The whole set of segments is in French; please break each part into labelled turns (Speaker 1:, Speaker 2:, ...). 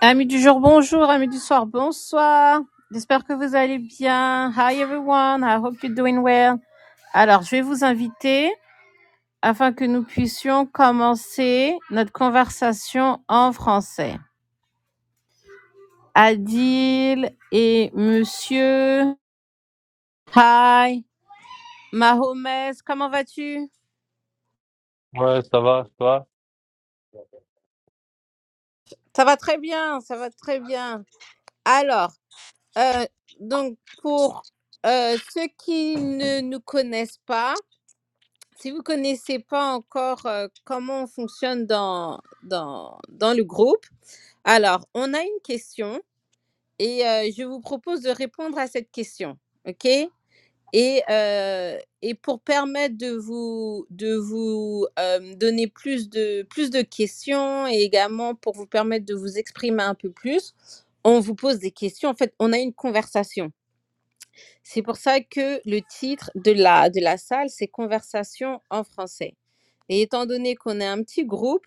Speaker 1: Amis du jour, bonjour. Amis du soir, bonsoir. J'espère que vous allez bien. Hi everyone. I hope you're doing well. Alors, je vais vous inviter afin que nous puissions commencer notre conversation en français. Adil et monsieur. Hi. Mahomes, comment vas-tu?
Speaker 2: Ouais, ça va, toi?
Speaker 1: Ça va très bien, ça va très bien. Alors, euh, donc pour euh, ceux qui ne nous connaissent pas, Si vous connaissez pas encore euh, comment on fonctionne dans, dans, dans le groupe, alors on a une question et euh, je vous propose de répondre à cette question, ok et, euh, et pour permettre de vous, de vous euh, donner plus de, plus de questions et également pour vous permettre de vous exprimer un peu plus, on vous pose des questions. En fait, on a une conversation. C'est pour ça que le titre de la, de la salle, c'est Conversation en français. Et étant donné qu'on est un petit groupe,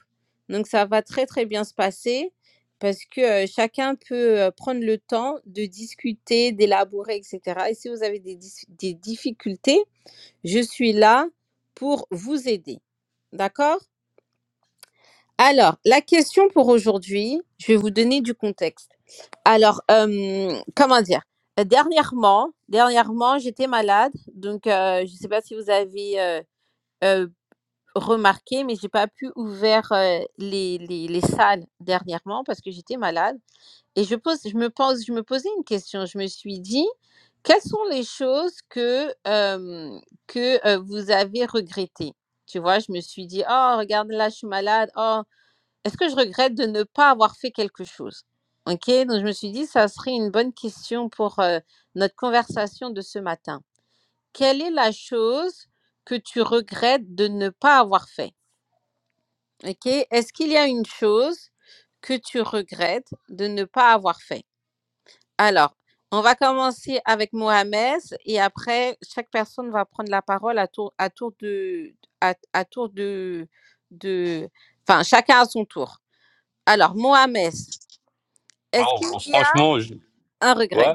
Speaker 1: donc ça va très très bien se passer parce que euh, chacun peut euh, prendre le temps de discuter, d'élaborer, etc. Et si vous avez des, dis- des difficultés, je suis là pour vous aider. D'accord Alors, la question pour aujourd'hui, je vais vous donner du contexte. Alors, euh, comment dire? Euh, Dernièrement, dernièrement, j'étais malade, donc euh, je ne sais pas si vous avez euh, euh, remarqué, mais j'ai pas pu ouvrir euh, les, les, les salles dernièrement parce que j'étais malade. Et je pose, je me pose, je me posais une question. Je me suis dit, quelles sont les choses que euh, que euh, vous avez regrettées? Tu vois, je me suis dit, oh, regarde là, je suis malade. oh. Est-ce que je regrette de ne pas avoir fait quelque chose Ok, donc je me suis dit, ça serait une bonne question pour euh, notre conversation de ce matin. Quelle est la chose que tu regrettes de ne pas avoir fait Ok, est-ce qu'il y a une chose que tu regrettes de ne pas avoir fait Alors, on va commencer avec Mohamed et après, chaque personne va prendre la parole à tour, à tour de... À, à tour de... de Enfin, chacun à son tour. Alors, Mohamed, Est-ce
Speaker 2: Oh,
Speaker 1: qu'il
Speaker 2: bon,
Speaker 1: y a
Speaker 2: franchement, je...
Speaker 1: un regret
Speaker 2: ouais,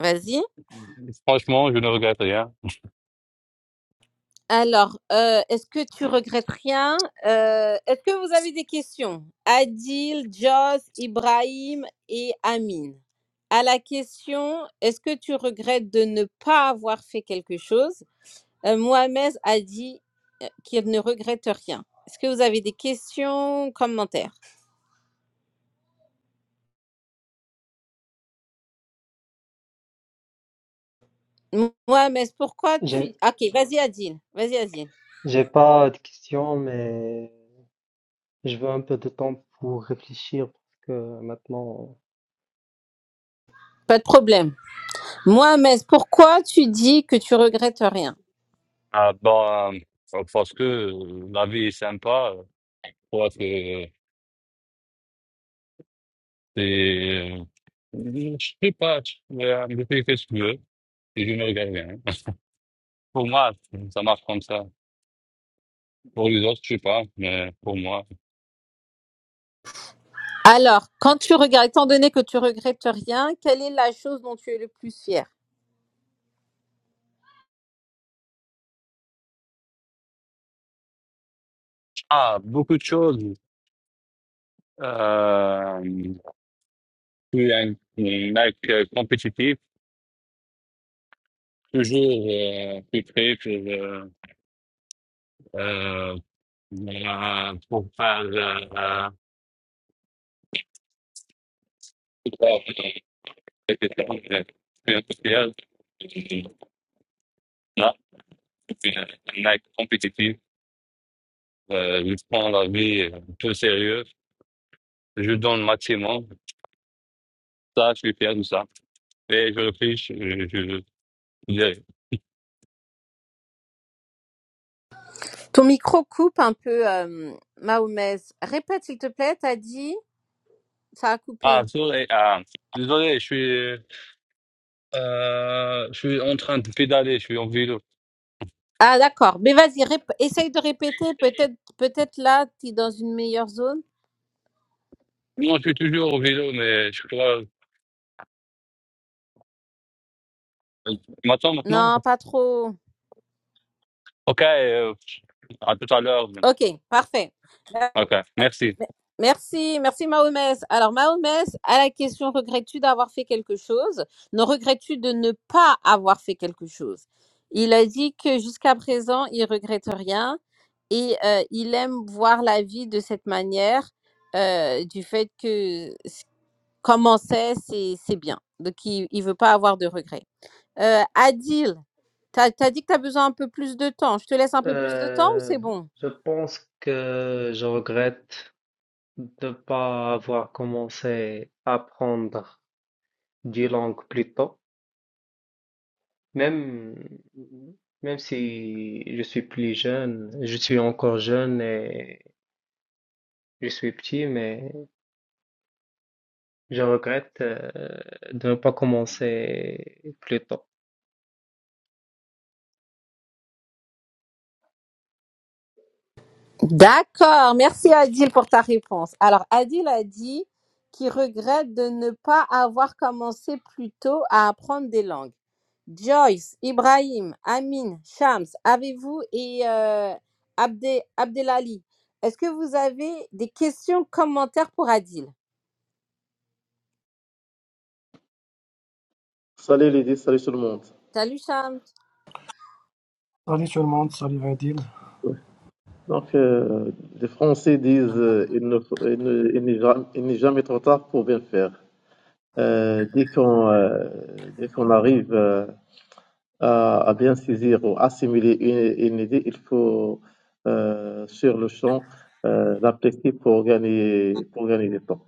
Speaker 1: Vas-y.
Speaker 2: franchement, je ne regrette rien.
Speaker 1: Alors, euh, est-ce que tu regrettes rien Euh, Est-ce que vous avez des questions Adil, Jos, Ibrahim et Amine. À la question, est-ce que tu regrettes de ne pas avoir fait quelque chose Euh, Mohamed a dit euh, qu'il ne regrette rien. Est-ce que vous avez des questions, commentaires Mo- Mohamed, pourquoi
Speaker 3: J'ai,
Speaker 1: tu... Ok, vas-y Adil, vas-y Adil.
Speaker 3: j'ai pas de questions, mais je veux un peu de temps pour réfléchir parce que maintenant,
Speaker 1: Pas de problème. Mohamed, pourquoi tu dis que tu regrettes rien
Speaker 2: Ah, bon, euh, parce que euh, la vie est sympa. euh, Je crois que euh, c'est, euh, je sais pas, je euh, je fais ce que je veux et je ne regrette rien. Pour moi, ça marche comme ça. Pour les autres, je sais pas, mais pour moi.
Speaker 1: Alors, quand tu regardes, étant donné que tu regrettes rien, quelle est la chose dont tu es le plus fier
Speaker 2: Ah, beaucoup de choses. Euh, je suis un, un mec euh, compétitif, toujours euh, plus près pour euh, euh, euh, pour faire euh, euh, industriel, Nike compétitif, euh, je prends la vie euh, tout sérieux, je donne le maximum, ça, je suis fier de ça. Et je réfléchis, je, je, je dirais.
Speaker 1: Ton micro coupe un peu, euh, Mahomes. Répète, s'il te plaît, t'as dit, ça a
Speaker 2: Ah,
Speaker 1: coupé.
Speaker 2: sorry, ah, désolé, je suis, euh, je suis en train de pédaler, je suis en vélo.
Speaker 1: Ah, d'accord. Mais vas-y, rép- essaye de répéter. Peut-être peut-être là, tu es dans une meilleure zone.
Speaker 2: Non, je suis toujours au vélo, mais je crois. Tu m'attends maintenant?
Speaker 1: Non, pas trop.
Speaker 2: Ok, euh, à tout à l'heure.
Speaker 1: Ok, parfait. Euh,
Speaker 2: Ok, merci.
Speaker 1: Merci, merci Mahomès. Alors Mahomès, à la question regrettes-tu d'avoir fait quelque chose Ne regrettes-tu de ne pas avoir fait quelque chose Il a dit que jusqu'à présent, il regrette rien et euh, il aime voir la vie de cette manière, euh, du fait que s- comment c'est, c'est c'est bien. Donc il ne veut pas avoir de regrets. Euh, Adil, tu as, dit que tu as besoin un peu plus de temps. Je te laisse un peu plus de temps ou
Speaker 3: euh,
Speaker 1: c'est bon
Speaker 3: je pense que je regrette de ne pas avoir commencé à apprendre des langues plus tôt. Même, même si je suis plus jeune, je suis encore jeune et je suis petit, mais je regrette, euh, de ne pas commencer plus tôt.
Speaker 1: D'accord, merci Adil pour ta réponse. Alors Adil a dit qu'il regrette de ne pas avoir commencé plus tôt à apprendre des langues. Joyce, Ibrahim, Amine, Shams, avez-vous et euh, Abdé- Abdelali, est-ce que vous avez des questions, commentaires pour Adil
Speaker 4: Salut Lydie, salut tout le monde.
Speaker 1: Salut Sam.
Speaker 5: Salut tout le monde, salut Adil.
Speaker 4: Donc, euh, les Français disent euh, il ne faut- il ne- il n'est jamais, il n'est jamais trop tard pour bien faire. Euh, dès qu'on euh, dès qu'on arrive euh, à, à bien saisir ou assimiler une, une idée, il faut euh, sur le champ euh, l'appliquer pour gagner pour gagner du temps.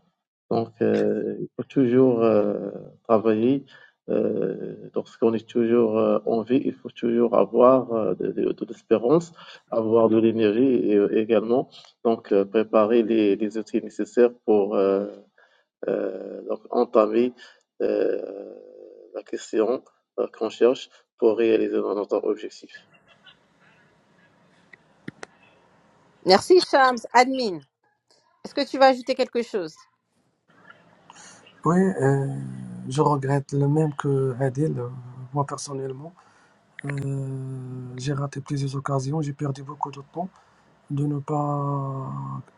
Speaker 4: Donc, euh, il faut toujours euh, travailler. Euh, lorsqu'on est toujours euh, en vie, il faut toujours avoir euh, de, de- de l'espérance, avoir de l'énergie et, euh, également. Donc, euh, préparer les, les outils nécessaires pour euh, euh, donc entamer euh, la question euh, qu'on cherche pour réaliser notre objectif.
Speaker 1: Merci Shams. Admin, est-ce que tu vas ajouter quelque chose
Speaker 5: Oui, euh, je regrette le même que Adil, euh, moi personnellement. Euh, j'ai raté plusieurs occasions, j'ai perdu beaucoup de temps de ne pas,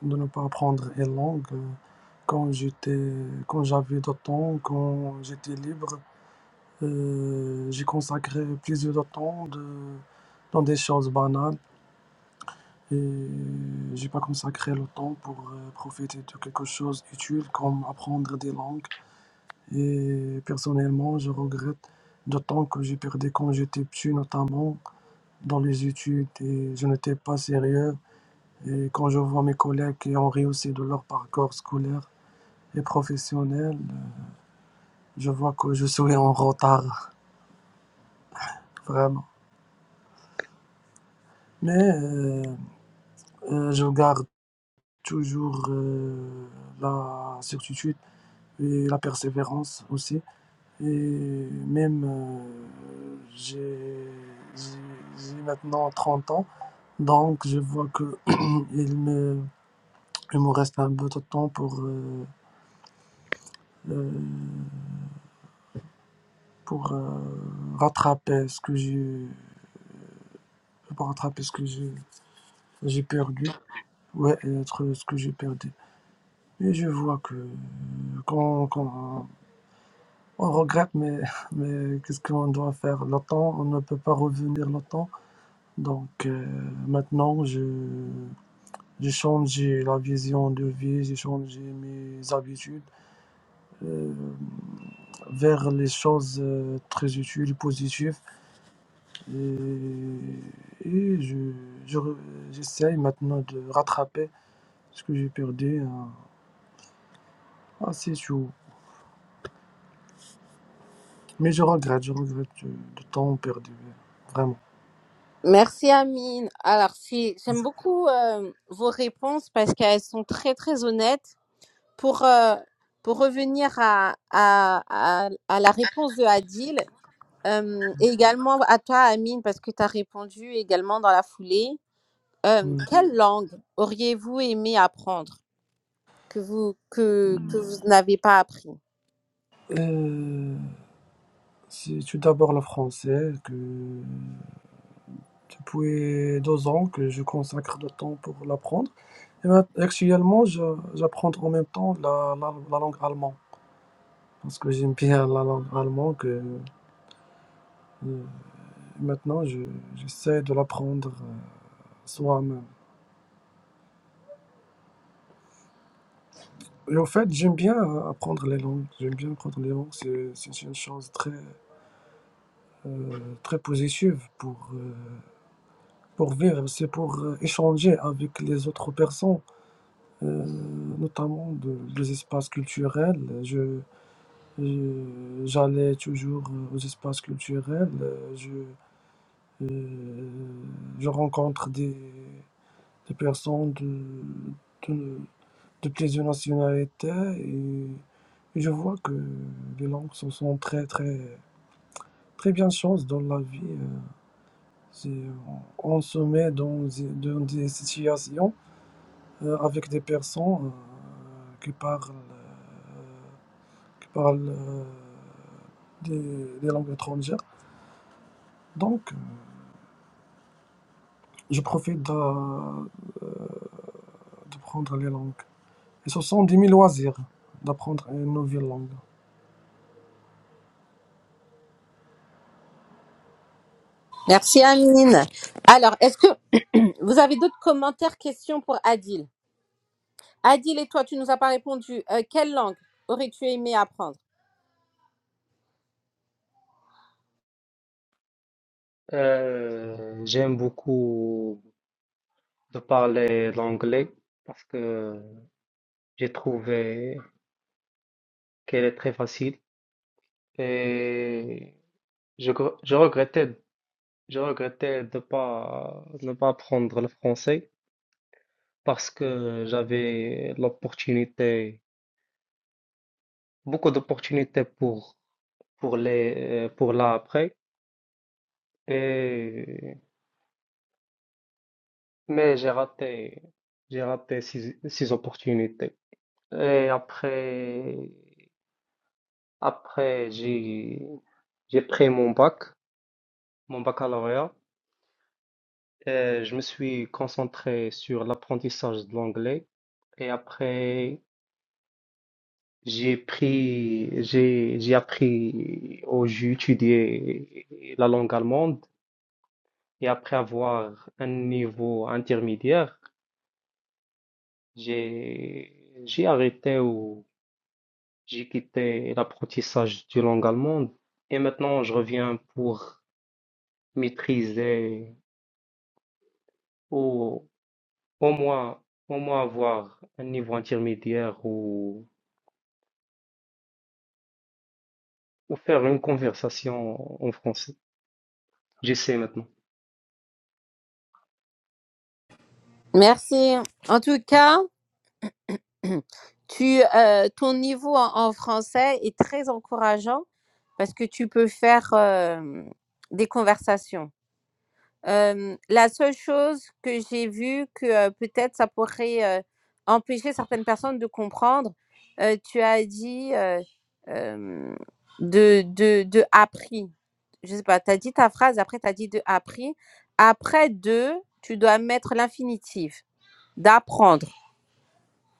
Speaker 5: de ne pas apprendre une langue euh, quand j'étais, quand j'avais de temps, quand j'étais libre. Euh, j'ai consacré plusieurs de temps de, dans des choses banales et j'ai pas consacré le temps pour euh, profiter de quelque chose d'utile comme apprendre des langues Et personnellement, je regrette d'autant que j'ai perdu quand j'étais petit, notamment dans les études, et je n'étais pas sérieux. Et quand je vois mes collègues qui ont réussi de leur parcours scolaire et professionnel, je vois que je suis en retard, vraiment. Mais euh, euh, je garde toujours euh, la certitude et la persévérance aussi. Et même, euh, j'ai j'ai- j'ai maintenant 30 ans. Donc, je vois que il me, il me reste un peu de temps pour, euh, euh, pour euh, rattraper ce que j'ai, pour rattraper ce que j'ai, j'ai perdu. Ouais, et être ce que j'ai perdu. Mais je vois que quand, quand on regrette, mais, mais qu'est-ce qu'on doit faire? Le temps, on ne peut pas revenir le temps. Donc euh, maintenant, je, j'ai changé la vision de vie, j'ai changé mes habitudes. euh, vers les choses euh, très utiles, positives. Et, et je, je re- j'essaye maintenant de rattraper ce que j'ai perdu euh, assez souvent. Mais je regrette, je regrette du, du temps perdu, euh, vraiment.
Speaker 1: Merci Amine. Alors, si j'aime beaucoup euh, vos réponses parce qu'elles sont très très honnêtes. Pour euh, pour revenir à, à, à, à la réponse de Adil, Euh, et également à toi, Amine, parce que tu as répondu également dans la foulée. Euh,
Speaker 5: Mm.
Speaker 1: quelle langue auriez-vous aimé apprendre que vous, que,
Speaker 5: Mm.
Speaker 1: que vous n'avez pas appris
Speaker 5: Euh, c'est tout d'abord le français que depuis deux ans que je consacre du temps pour l'apprendre. Et maintenant, actuellement, je- j'apprends en même temps la, la, la langue allemande. Parce que j'aime bien la langue allemande, que euh, maintenant je- j'essaie de l'apprendre euh, soi-même. Et au fait, j'aime bien euh, apprendre les langues. J'aime bien apprendre les langues. C'est c'est une chose très, euh, très positive pour, euh, pour vivre. C'est pour euh, échanger avec les autres personnes, euh, notamment de- des espaces culturels. Je, je- j'allais toujours euh, aux espaces culturels. euh, Je, euh, je rencontre des des personnes de, de, de plusieurs nationalités et et je vois que les langues se sont très très très bien chance dans la vie. euh, C'est, euh, on se met dans, des- dans des situations euh, avec des personnes euh, qui parlent, euh, qui parlent euh, des, des langues étrangères. Donc, je profite de, de prendre les langues. Et ce sont des mille loisirs d'apprendre une nouvelle langue.
Speaker 1: Merci, Amine. Alors, est-ce que vous avez d'autres commentaires, questions pour Adil Adil et toi, tu nous as pas répondu. Euh, quelle langue aurais-tu aimé apprendre
Speaker 3: Euh, j'aime beaucoup de parler l'anglais parce que j'ai trouvé qu'elle est très facile et je, gr- je regrettais, je regrettais de pas, ne pas apprendre le français parce que j'avais l'opportunité, beaucoup d'opportunités pour, pour les, euh, pour là après et, mais j'ai raté, j'ai raté ces ces opportunités. Et après, après j'ai j'ai pris mon bac, mon baccalauréat, et je me suis concentré sur l'apprentissage de l'anglais. Et après, j'ai pris, j'ai j'ai appris, ou j'ai étudié la langue allemande. Et après avoir un niveau intermédiaire, j'ai j'ai arrêté ou j'ai quitté l'apprentissage de langue allemande. Et maintenant, je reviens pour maîtriser ou au moins, au moins avoir un niveau intermédiaire ou, ou faire une conversation en français. J'essaie maintenant.
Speaker 1: Merci. En tout cas, tu, euh, ton niveau en, en français est très encourageant parce que tu peux faire euh, des conversations. Hem, la seule chose que j'ai vue que, heu, peut-être ça pourrait, heu, empêcher certaines personnes de comprendre, heu, tu as dit, heu, hem, de de de «appris». Je sais pas, tu as dit ta phrase, après tu as dit de «appris». Après «de», tu dois mettre l'infinitif, «d'apprendre».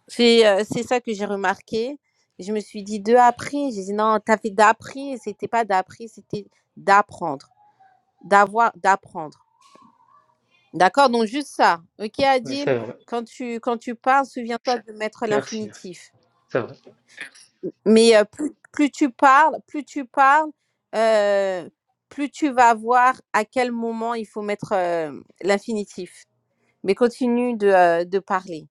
Speaker 1: C'est, heu, c'est ça que j'ai remarqué. Je me suis dit: «De appris». J'ai dit: «Non, tu as fait d'appris, c'était pas d'appris, c'était d'apprendre, d'avoir d'apprendre». D'accord, donc juste ça. Ok,
Speaker 3: Oui,
Speaker 1: Adil,
Speaker 3: c'est vrai.
Speaker 1: quand tu, quand tu parles, souviens-toi de mettre
Speaker 3: Merci, merci.
Speaker 1: l'infinitif.
Speaker 3: C'est vrai.
Speaker 1: Mais euh, plus, plus tu parles, plus tu parles, euh, plus tu vas voir à quel moment il faut mettre euh, l'infinitif. Mais continue de, euh, de parler.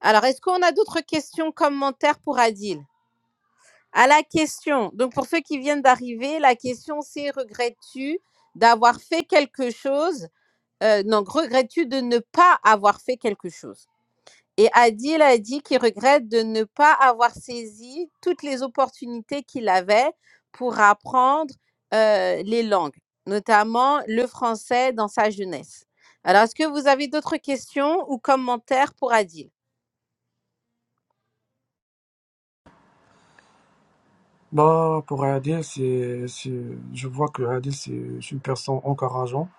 Speaker 1: Alors, est-ce qu'on a d'autres questions, commentaires pour Adil À la question, donc pour ceux qui viennent d'arriver, la question c'est regrettes-tu d'avoir fait quelque chose Euh, Non, regrettes-tu de ne pas avoir fait quelque chose Et Adil a dit qu'il regrette de ne pas avoir saisi toutes les opportunités qu'il avait pour apprendre euh, les langues, notamment le français dans sa jeunesse. Alors, est-ce que vous avez d'autres questions ou commentaires pour Adil
Speaker 5: Bah, pour Adil, c'est, c'est, je vois que Adil, c'est c'est une personne encourageante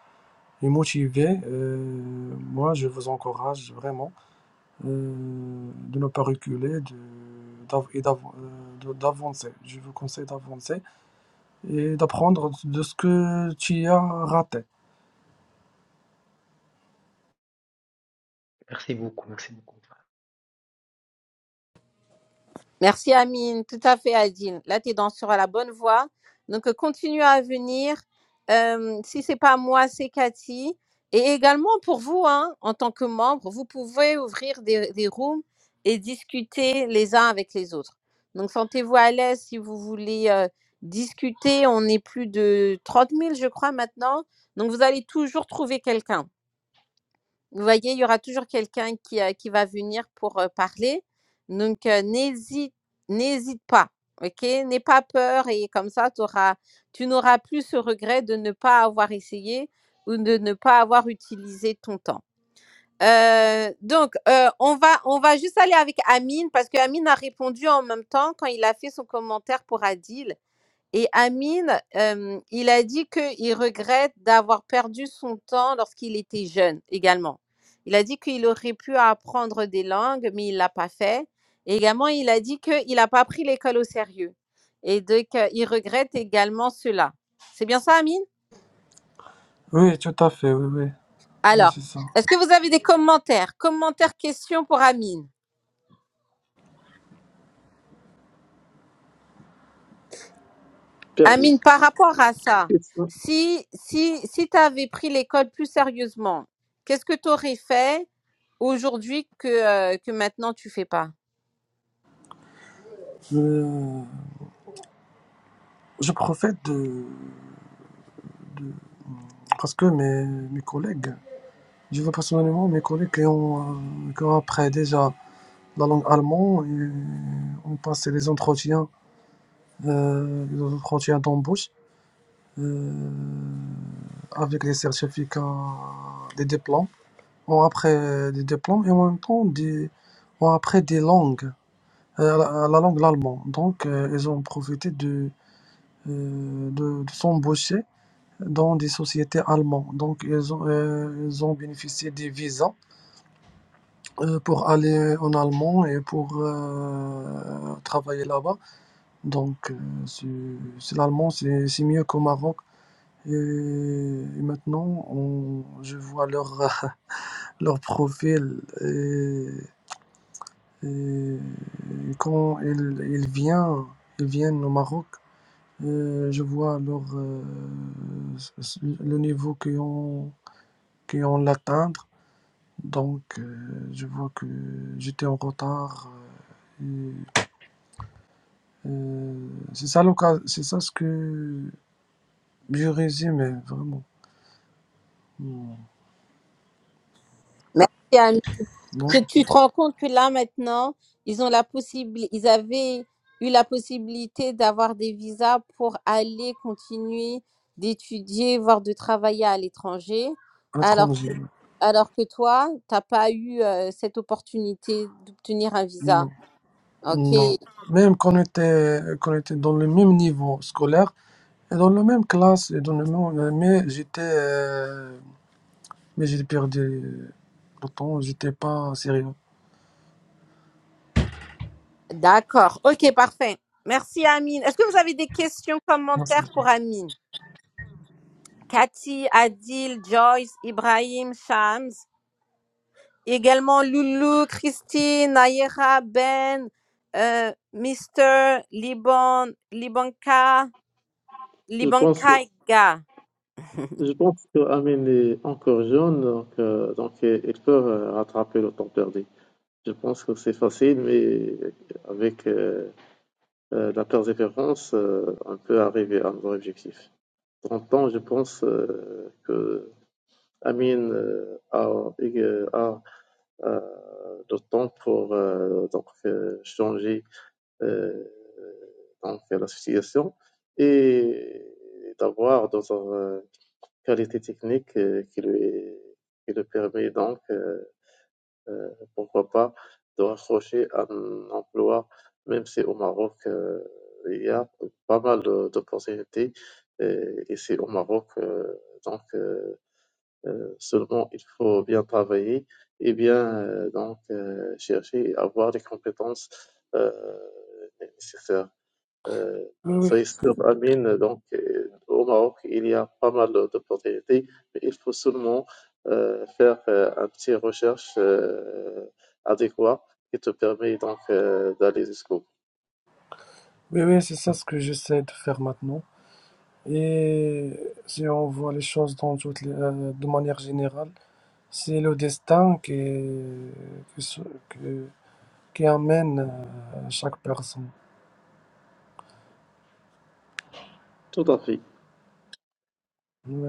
Speaker 5: et motivée. Euh, moi, je vous encourage vraiment euh, de ne pas reculer de, d'av- et d'av- euh, de- d'avancer. Je vous conseille d'avancer et d'apprendre de ce que tu as raté.
Speaker 3: Merci beaucoup, merci beaucoup.
Speaker 1: Merci Amine, tout à fait Adine. Là, tu es dans, sur la bonne voie. Donc, euh, continue à venir. Euh, si c'est pas moi, c'est Cathy. Et également pour vous, hein, en tant que membre, vous pouvez ouvrir des, des rooms et discuter les uns avec les autres. Donc, sentez-vous à l'aise si vous voulez euh, discuter. On est plus de trente mille, je crois, maintenant. Donc, vous allez toujours trouver quelqu'un. Vous voyez, il y aura toujours quelqu'un qui, euh, qui va venir pour euh, parler. Donc, euh, n'hésite, n'hésite pas. OK? N'aie pas peur et comme ça, t'auras- tu n'auras plus ce regret de ne pas avoir essayé ou de ne pas avoir utilisé ton temps. Euh, donc, euh, on, va, on va juste aller avec Amine parce que Amine a répondu en même temps quand il a fait son commentaire pour Adil. Et Amine, euh, il a dit qu'il regrette d'avoir perdu son temps lorsqu'il était jeune également. Il a dit qu'il aurait pu apprendre des langues, mais il l'a pas fait. Et également, il a dit qu'il n'a pas pris l'école au sérieux. Et donc, euh, il regrette également cela. C'est bien ça, Amine?
Speaker 5: Oui, tout à fait, oui, oui, oui,
Speaker 1: Alors,
Speaker 5: c'est ça.
Speaker 1: est-ce que vous avez des commentaires? Commentaires, questions pour Amine?
Speaker 4: Perdu.
Speaker 1: Amine, par rapport à ça,
Speaker 4: des questions
Speaker 1: si, si, si tu avais pris l'école plus sérieusement, qu'est-ce que tu aurais fait? aujourd'hui que, euh, que maintenant tu fais pas.
Speaker 5: Euh, je profite de... parce que mes, mes collègues, je vois personnellement mes collègues qui ont, euh, qui ont après déjà La langue allemande, euh, on passait les entretiens, euh, les entretiens d'embauche euh, avec des certificats, des diplômes. On après euh, des diplômes et en même temps des, on après des langues, euh, la, la langue l'allemand. Donc, euh, ils ont profité de, euh, de, de s'embaucher dans des sociétés allemandes. Donc, ils ont, euh, ils ont bénéficié des visas euh, pour aller en Allemagne et pour euh, travailler là-bas. Donc, euh, c'est c'est l'allemand, c'est c'est mieux qu'au Maroc. Et, et maintenant, on- je vois leur, leur profil. Et, et quand ils, ils viennent, ils viennent au Maroc, euh, je vois leur, euh, s- s- le niveau qu'ils ont, qu'ils ont l'atteindre. Donc, euh, je vois que j'étais en retard. euh, et, euh, c'est ça, l'occa- c'est ça ce que je résume vraiment. Non,
Speaker 1: Merci Anne.
Speaker 5: non,
Speaker 1: Que tu te rends compte que là maintenant, ils ont la possibilité, ils avaient eu la possibilité d'avoir des visas pour aller continuer d'étudier, voire de travailler à l'étranger, alors que,
Speaker 5: étranger,
Speaker 1: alors que toi, t'as pas eu euh, cette opportunité d'obtenir un visa.
Speaker 5: non, non.
Speaker 1: Ok,
Speaker 5: Même qu'on était, qu'on était dans le même niveau scolaire et dans la même classe et dans le même, mais j'étais, euh, mais j'ai perdu le temps, j'étais pas sérieux.
Speaker 1: D'accord. OK, parfait. Merci, Amine. Est-ce que vous avez des questions,
Speaker 5: Ouais, c'est-
Speaker 1: commentaires pour Amine? Cathy, Adil, Joyce, Ibrahim, Shams, également Loulou, Christine, Nayera, Ben, euh, Mister, Liban, Libanka,
Speaker 4: Je pense,
Speaker 1: Libankaiga.
Speaker 4: je pense que Amine est encore jeune, donc, euh, donc ils peuvent rattraper le temps perdu. Je pense que c'est facile, mais avec euh, euh, la persévérance, euh, on peut arriver à nos objectifs. En même temps, je pense euh, que Amine euh, a, euh, a, euh, le temps pour euh, donc, euh, changer euh, donc, la situation et d'avoir d'autres euh, qualités techniques euh, qui lui, qui lui permet donc euh, euh, pourquoi pas, de raccrocher à un emploi, même si au Maroc, euh, il y a pas mal de- d'opportunités, euh, et c'est au Maroc. euh, donc, euh, euh, seulement il faut bien travailler et bien euh, donc euh, chercher et avoir les compétences euh, nécessaires. Euh,
Speaker 5: Oui, oui,
Speaker 4: soyez sûr, Amine. Donc, euh, au Maroc, il y a pas mal d'opportunités, mais il faut seulement euh, faire euh, un petit recherche euh, adéquat qui te permet donc euh, d'aller jusqu'au bout.
Speaker 5: oui, oui, c'est ça ce que j'essaie de faire maintenant. Et si on voit les choses dans toutes les- euh, de manière générale, c'est le destin qui, est- qui, se- qui, qui amène euh, chaque personne.
Speaker 4: Tout à fait.
Speaker 5: Ouais.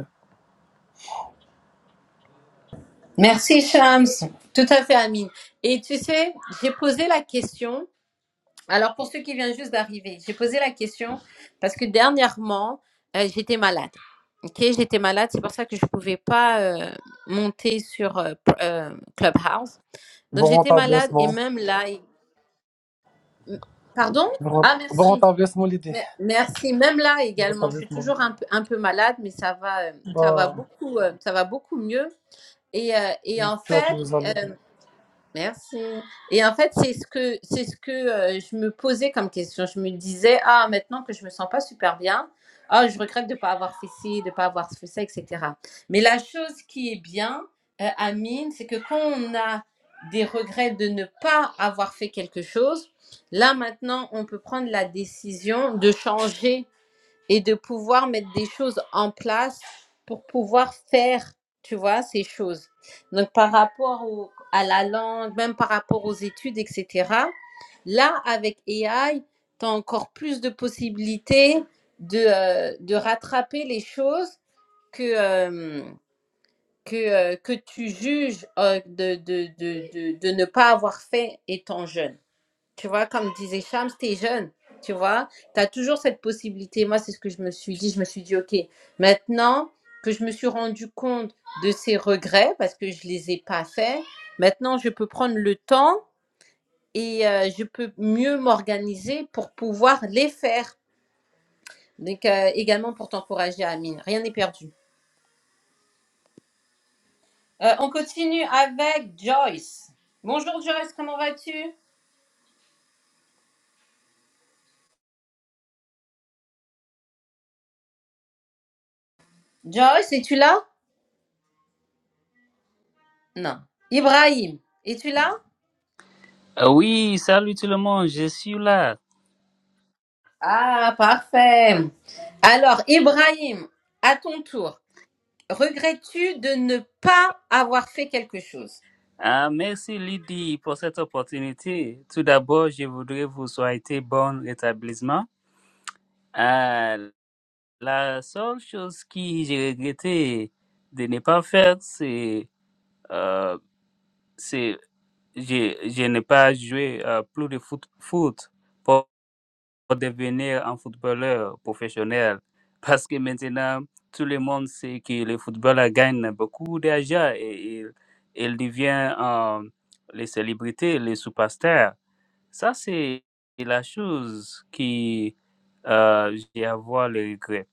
Speaker 1: Merci Shams, tout à fait Amine. Et tu sais, j'ai posé la question, alors pour ceux qui viennent juste d'arriver, j'ai posé la question parce que dernièrement, euh, j'étais malade. Ok, j'étais malade, c'est pour ça que je ne pouvais pas euh, monter sur euh, pr- euh, Clubhouse. Donc
Speaker 5: Bon
Speaker 1: j'étais malade et
Speaker 5: rétablissement.
Speaker 1: même là. il- M- Pardon Ah,
Speaker 5: Bon
Speaker 1: merci.
Speaker 5: rétablissement l'idée.
Speaker 1: Me- Merci. Même là
Speaker 5: Bon
Speaker 1: également, je suis
Speaker 5: rétablissement.
Speaker 1: toujours un peu, un peu malade, mais ça va, euh, ça va
Speaker 5: Bah,
Speaker 1: beaucoup, euh, ça va beaucoup mieux. Et, euh, et en
Speaker 5: j'espère que
Speaker 1: fait,
Speaker 5: vous allez bien.
Speaker 1: Merci. Et en fait, c'est ce que c'est ce que euh, je me posais comme question. Je me disais, ah, maintenant que je me sens pas super bien, ah, je regrette de pas avoir fait ci, de pas avoir fait ça, etc. Mais la chose qui est bien, euh, Amine, c'est que quand on a des regrets de ne pas avoir fait quelque chose, là maintenant, on peut prendre la décision de changer et de pouvoir mettre des choses en place pour pouvoir faire, tu vois, ces choses. Donc, par rapport au- à la langue, même par rapport aux études, etc., là, avec AI, tu as encore plus de possibilités de, euh, de rattraper les choses que, euh, que, euh, que tu juges euh, de, de, de, de, de ne pas avoir fait étant jeune. Tu vois, comme disait Shams, t'es jeune, tu vois, t'as toujours cette possibilité. Moi, c'est ce que je me suis dit. Je me suis dit, OK, maintenant que je me suis rendu compte de ces regrets, parce que je les ai pas faits, maintenant je peux prendre le temps et euh, je peux mieux m'organiser pour pouvoir les faire. Donc, euh, également pour t'encourager, Amine. Rien n'est perdu. Euh, on continue avec Joyce. Bonjour Joyce, comment vas-tu? Joyce, es-tu là? Non. Ibrahim, es-tu là?
Speaker 6: Ah Oui, salut tout le monde, je suis là.
Speaker 1: Ah, parfait. Alors, Ibrahim, à ton tour, regrettes-tu de ne pas avoir fait quelque chose
Speaker 6: Ah, merci Lydie pour cette opportunité. Tout d'abord, je voudrais vous souhaiter bon rétablissement. Ah, la seule chose que j'ai regretté de ne pas faire, c'est euh, c'est- je, je n'ai pas joué euh, plus de foot, foot pour devenir un footballeur professionnel. Parce que maintenant, tout le monde sait que le football euh, gagne beaucoup d'argent et il, il devient euh, les célébrités, les superstars. Ça, c'est la chose qui euh, j'ai à voir le regret.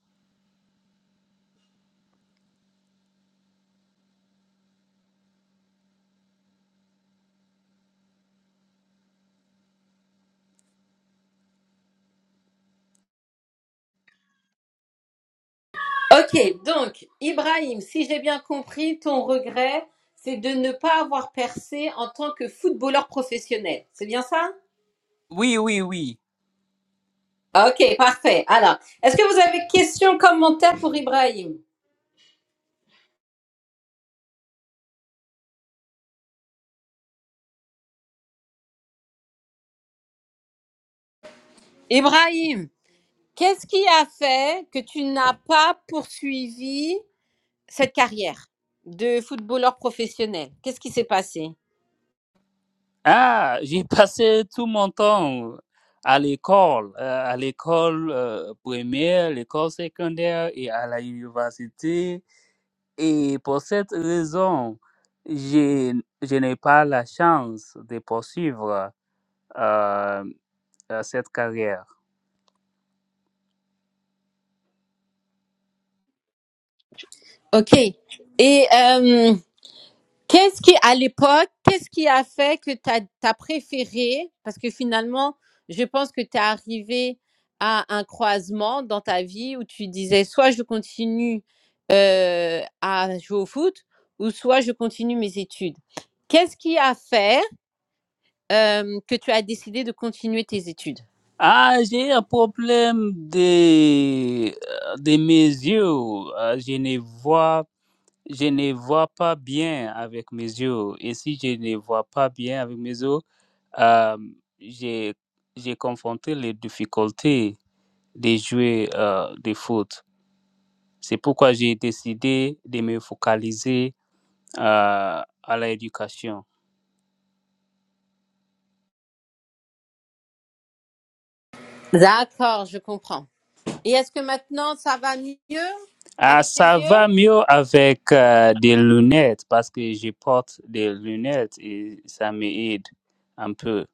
Speaker 1: Ok, donc, Ibrahim, si j'ai bien compris, ton regret, c'est de ne pas avoir percé en tant que footballeur professionnel. C'est bien ça
Speaker 6: Oui, oui, oui.
Speaker 1: Ok, parfait. Alors, est-ce que vous avez questions, commentaires pour Ibrahim Ibrahim, qu'est-ce qui a fait que tu n'as pas poursuivi cette carrière de footballeur professionnel Qu'est-ce qui s'est passé
Speaker 6: Ah, j'ai passé tout mon temps à l'école, euh, à l'école euh, primaire, l'école secondaire et à l'université Et pour cette raison, je, je n'ai pas la chance de poursuivre euh, euh, cette carrière.
Speaker 1: Ok. Et euh, qu'est-ce qui, à l'époque, qu'est-ce qui a fait que tu as, préféré Parce que finalement, je pense que tu es arrivé à un croisement dans ta vie où tu disais soit je continue euh, à jouer au foot ou soit je continue mes études. Qu'est-ce qui a fait euh, que tu as décidé de continuer tes études
Speaker 6: Ah, j'ai un problème de, euh, de mes yeux. Euh, Je ne vois, je ne vois pas bien avec mes yeux. Et si je ne vois pas bien avec mes yeux, euh, j'ai, j'ai confronté les difficultés de jouer euh, des foot. C'est pourquoi j'ai décidé de me focaliser euh, à l'éducation.
Speaker 1: D'accord, je comprends. Et est-ce que maintenant ça va mieux
Speaker 6: Ah,
Speaker 1: avec tes
Speaker 6: ça
Speaker 1: yeux
Speaker 6: va mieux avec euh, des lunettes parce que je porte des lunettes et ça m'aide un peu.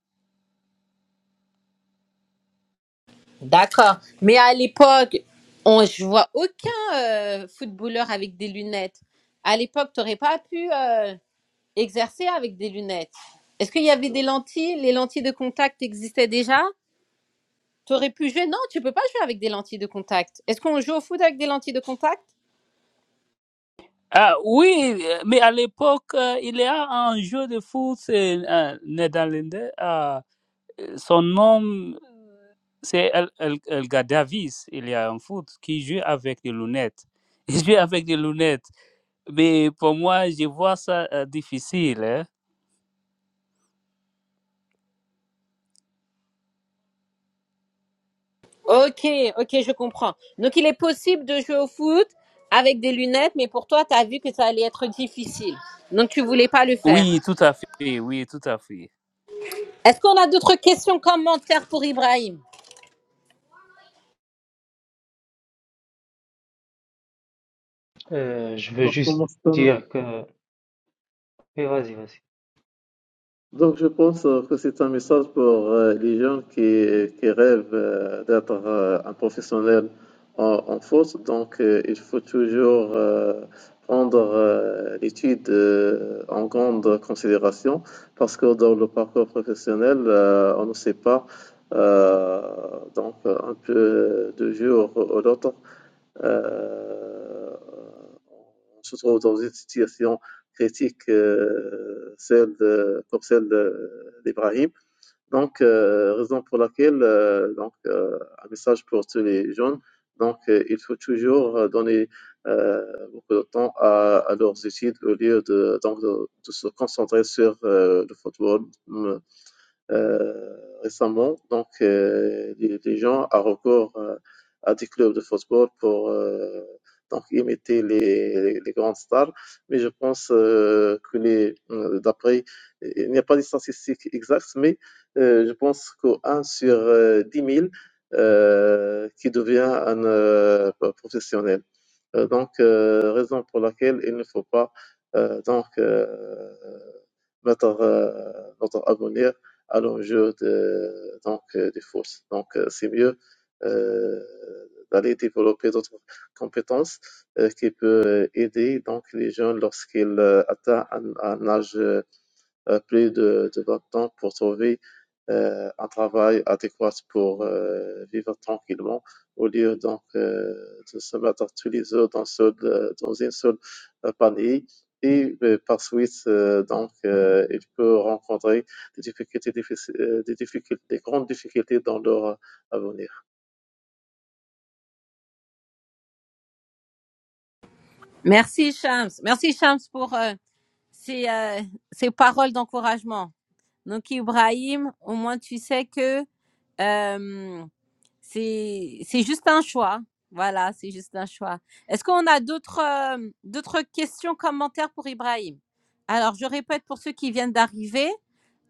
Speaker 1: D'accord. Mais à l'époque, on, je vois aucun euh, footballeur avec des lunettes. À l'époque, tu n'aurais pas pu euh, exercer avec des lunettes. Est-ce qu'il y avait des lentilles Les lentilles de contact existaient déjà T'aurais pu jouer. Non, tu peux pas jouer avec des lentilles de contact. Est-ce qu'on joue au foot avec des lentilles de contact
Speaker 6: Ah oui, euh, mais à l'époque, euh, il y a un jeu de foot c'est, euh, néerlandais. ah, euh, son nom, c'est El, El, Elgadavis. Il y a un foot qui joue avec des lunettes. Il joue avec des lunettes. Mais pour moi, je vois ça euh, difficile. hein.
Speaker 1: Ok, ok, je comprends. Donc il est possible de jouer au foot avec des lunettes, mais pour toi, tu as vu que ça allait être difficile. Donc tu voulais pas le faire.
Speaker 6: Oui, tout à fait. Oui, tout à fait.
Speaker 1: Est-ce qu'on a d'autres questions commentaires pour Ibrahim
Speaker 3: Euh, je veux
Speaker 4: Donc,
Speaker 3: juste dire que... Oui, vas-y, vas-y.
Speaker 4: Donc, je pense euh, que c'est un message pour euh, les jeunes qui, qui rêvent euh, d'être euh, un professionnel en, en foot. Donc, euh, il faut toujours euh, prendre euh, l'étude euh, en grande considération parce que dans le parcours professionnel, euh, on ne sait pas. euh, donc, un peu de jour au au lendemain. Euh, se trouve dans une situation critique euh, celle de, comme celle de- d'Ibrahim. Donc, euh, raison pour laquelle, euh, donc, euh, un message pour tous les jeunes, donc, euh, il faut toujours euh, donner euh, beaucoup de temps à, à leurs études au lieu de, donc, de, de se concentrer sur euh, le football, euh, récemment. Donc, euh, les, les gens ont recours euh, à des clubs de football pour euh, donc imiter les, les grandes stars. Mais je pense euh, que les euh, d'après, il n'y a pas de statistiques exactes, mais euh, je pense qu'un sur euh, 10 000 euh, qui devient un euh, professionnel. Euh, donc, euh, raison pour laquelle il ne faut pas euh, donc euh, mettre euh, notre abonné à l'enjeu de, donc, euh, des forces. Donc, euh, c'est mieux euh, d'aller développer d'autres compétences euh, qui peuvent aider donc les jeunes lorsqu'ils euh, atteignent un, un âge euh, euh, plus de, de 20 ans pour trouver euh, un travail adéquat pour euh, vivre tranquillement au lieu donc euh, de se mettre tous les œufs dans, seul, euh, dans une seule euh, panier. Et euh, par suite, euh, donc, euh, ils peuvent rencontrer des difficultés, diffici- euh, des difficultés, des grandes difficultés dans leur euh, avenir.
Speaker 1: Merci Shams. Merci Shams pour euh, ces, euh, ces paroles d'encouragement. Donc Ibrahim, au moins tu sais que euh, C'est c'est juste un choix. Voilà, c'est juste un choix. Est-ce qu'on a d'autres euh, d'autres questions, commentaires pour Ibrahim Alors, je répète pour ceux qui viennent d'arriver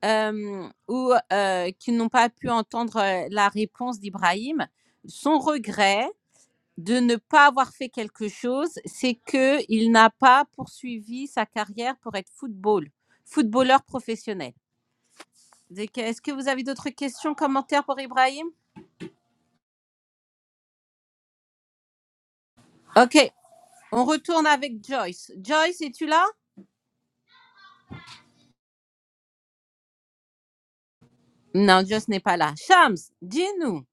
Speaker 1: euh, ou euh, qui n'ont pas pu entendre euh, la réponse d'Ibrahim, son regret de ne pas avoir fait quelque chose, c'est que il n'a pas poursuivi sa carrière pour être football, footballeur professionnel. Donc, Est-ce que vous avez d'autres questions, commentaires pour Ibrahim Ok, On retourne avec Joyce. Joyce, es-tu là Non, Joyce n'est pas là. Shams, dis-nous,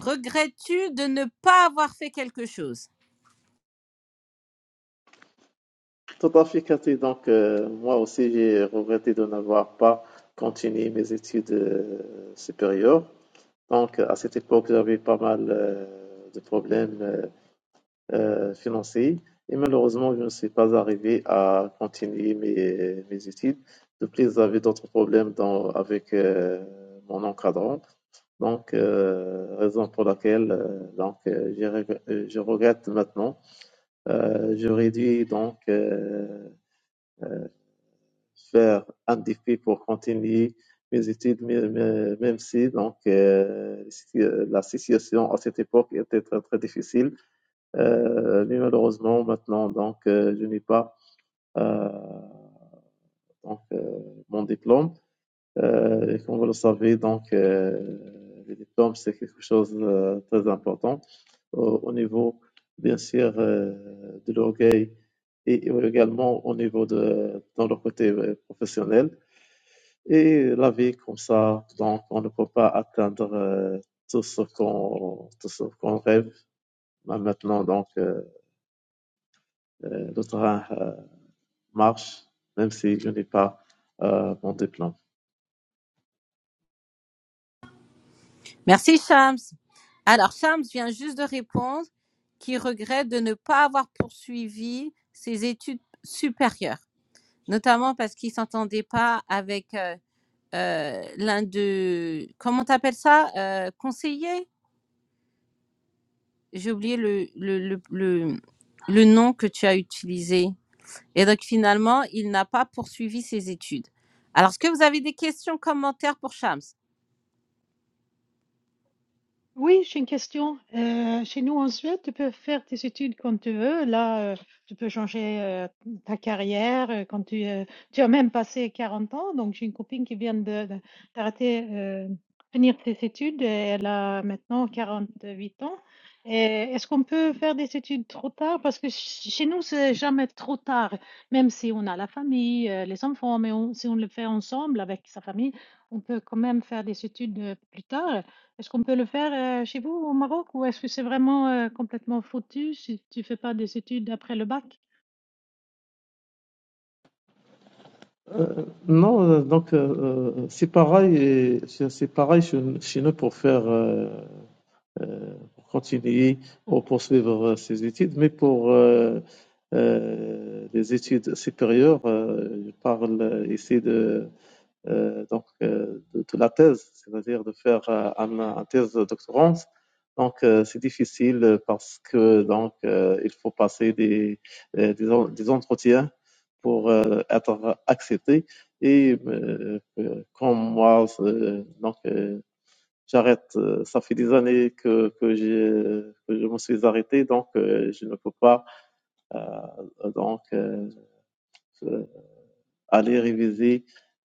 Speaker 1: regrettes-tu de ne pas avoir fait quelque chose
Speaker 4: Tout à fait, Cathy. Donc, euh, moi aussi, j'ai regretté de n'avoir pas continué mes études euh, supérieures. Donc, à cette époque, j'avais pas mal euh, de problèmes euh, euh, financiers et malheureusement, je ne suis pas arrivé à continuer mes, mes études. De plus, j'avais d'autres problèmes dans- avec euh, mon encadrant. Donc, euh, raison pour laquelle euh, donc, euh, j'ai reg- euh, je regrette maintenant. Euh, j'aurais dû donc euh, faire un défi pour continuer mes études, même si donc euh, si- euh, la situation à cette époque était très très difficile. Euh, mais malheureusement maintenant donc euh, je n'ai pas euh, donc euh, mon diplôme. Euh, et comme vous le savez donc euh, le diplôme c'est quelque chose de très important au, au niveau bien sûr euh, de l'orgueil et et également au niveau de dans le côté euh, professionnel. Et la vie comme ça, donc on ne peut pas atteindre euh, tout ce qu'on tout ce qu'on rêve. Mais maintenant, donc euh, euh, le train euh, marche, même si je n'ai pas euh, mon diplôme.
Speaker 1: Merci, Shams. Alors, Shams vient juste de répondre qu'il regrette de ne pas avoir poursuivi ses études supérieures, notamment parce qu'il ne s'entendait pas avec euh, euh, l'un de... Comment t'appelles ça Euh, Conseiller J'ai oublié le, le, le, le, le nom que tu as utilisé. Et donc finalement, il n'a pas poursuivi ses études. Alors, est-ce que vous avez des questions, commentaires pour Shams
Speaker 7: Oui, j'ai une question. Euh, chez nous en Suède, tu peux faire tes études quand tu veux. Là, euh, tu peux changer euh, ta carrière euh, quand tu, euh, tu as même passé 40 ans. Donc, j'ai une copine qui vient de, de- d'arrêter, euh, finir ses études. et Elle a maintenant 48 ans. Et Est-ce qu'on peut faire des études trop tard? Parce que ch- chez nous, c'est jamais trop tard, même si on a la famille, euh, les enfants, mais on- si on le fait ensemble avec sa famille, on peut quand même faire des études euh, plus tard. Est-ce qu'on peut le faire, heu, chez vous au Maroc ou est-ce que c'est vraiment, heu, complètement foutu si tu fais pas des études après le bac?
Speaker 4: Euh, non, euh, donc euh, euh, c'est pareil, et c'est c'est pareil chez, chez nous pour faire euh, euh, pour continuer ou poursuivre euh, ses études, mais pour euh, euh, les études supérieures, euh, je parle euh, ici de euh, donc, euh, de, de la thèse, c'est-à-dire de faire euh, un, un thèse doctorante. Donc, euh, c'est difficile parce que donc euh, il faut passer des, euh, des, des entretiens pour euh, être accepté. Et euh, euh, comme moi, euh, donc euh, j'arrête. euh, Ça fait des années que que j'ai que je me suis arrêté, donc euh, je ne peux pas euh, donc euh, aller réviser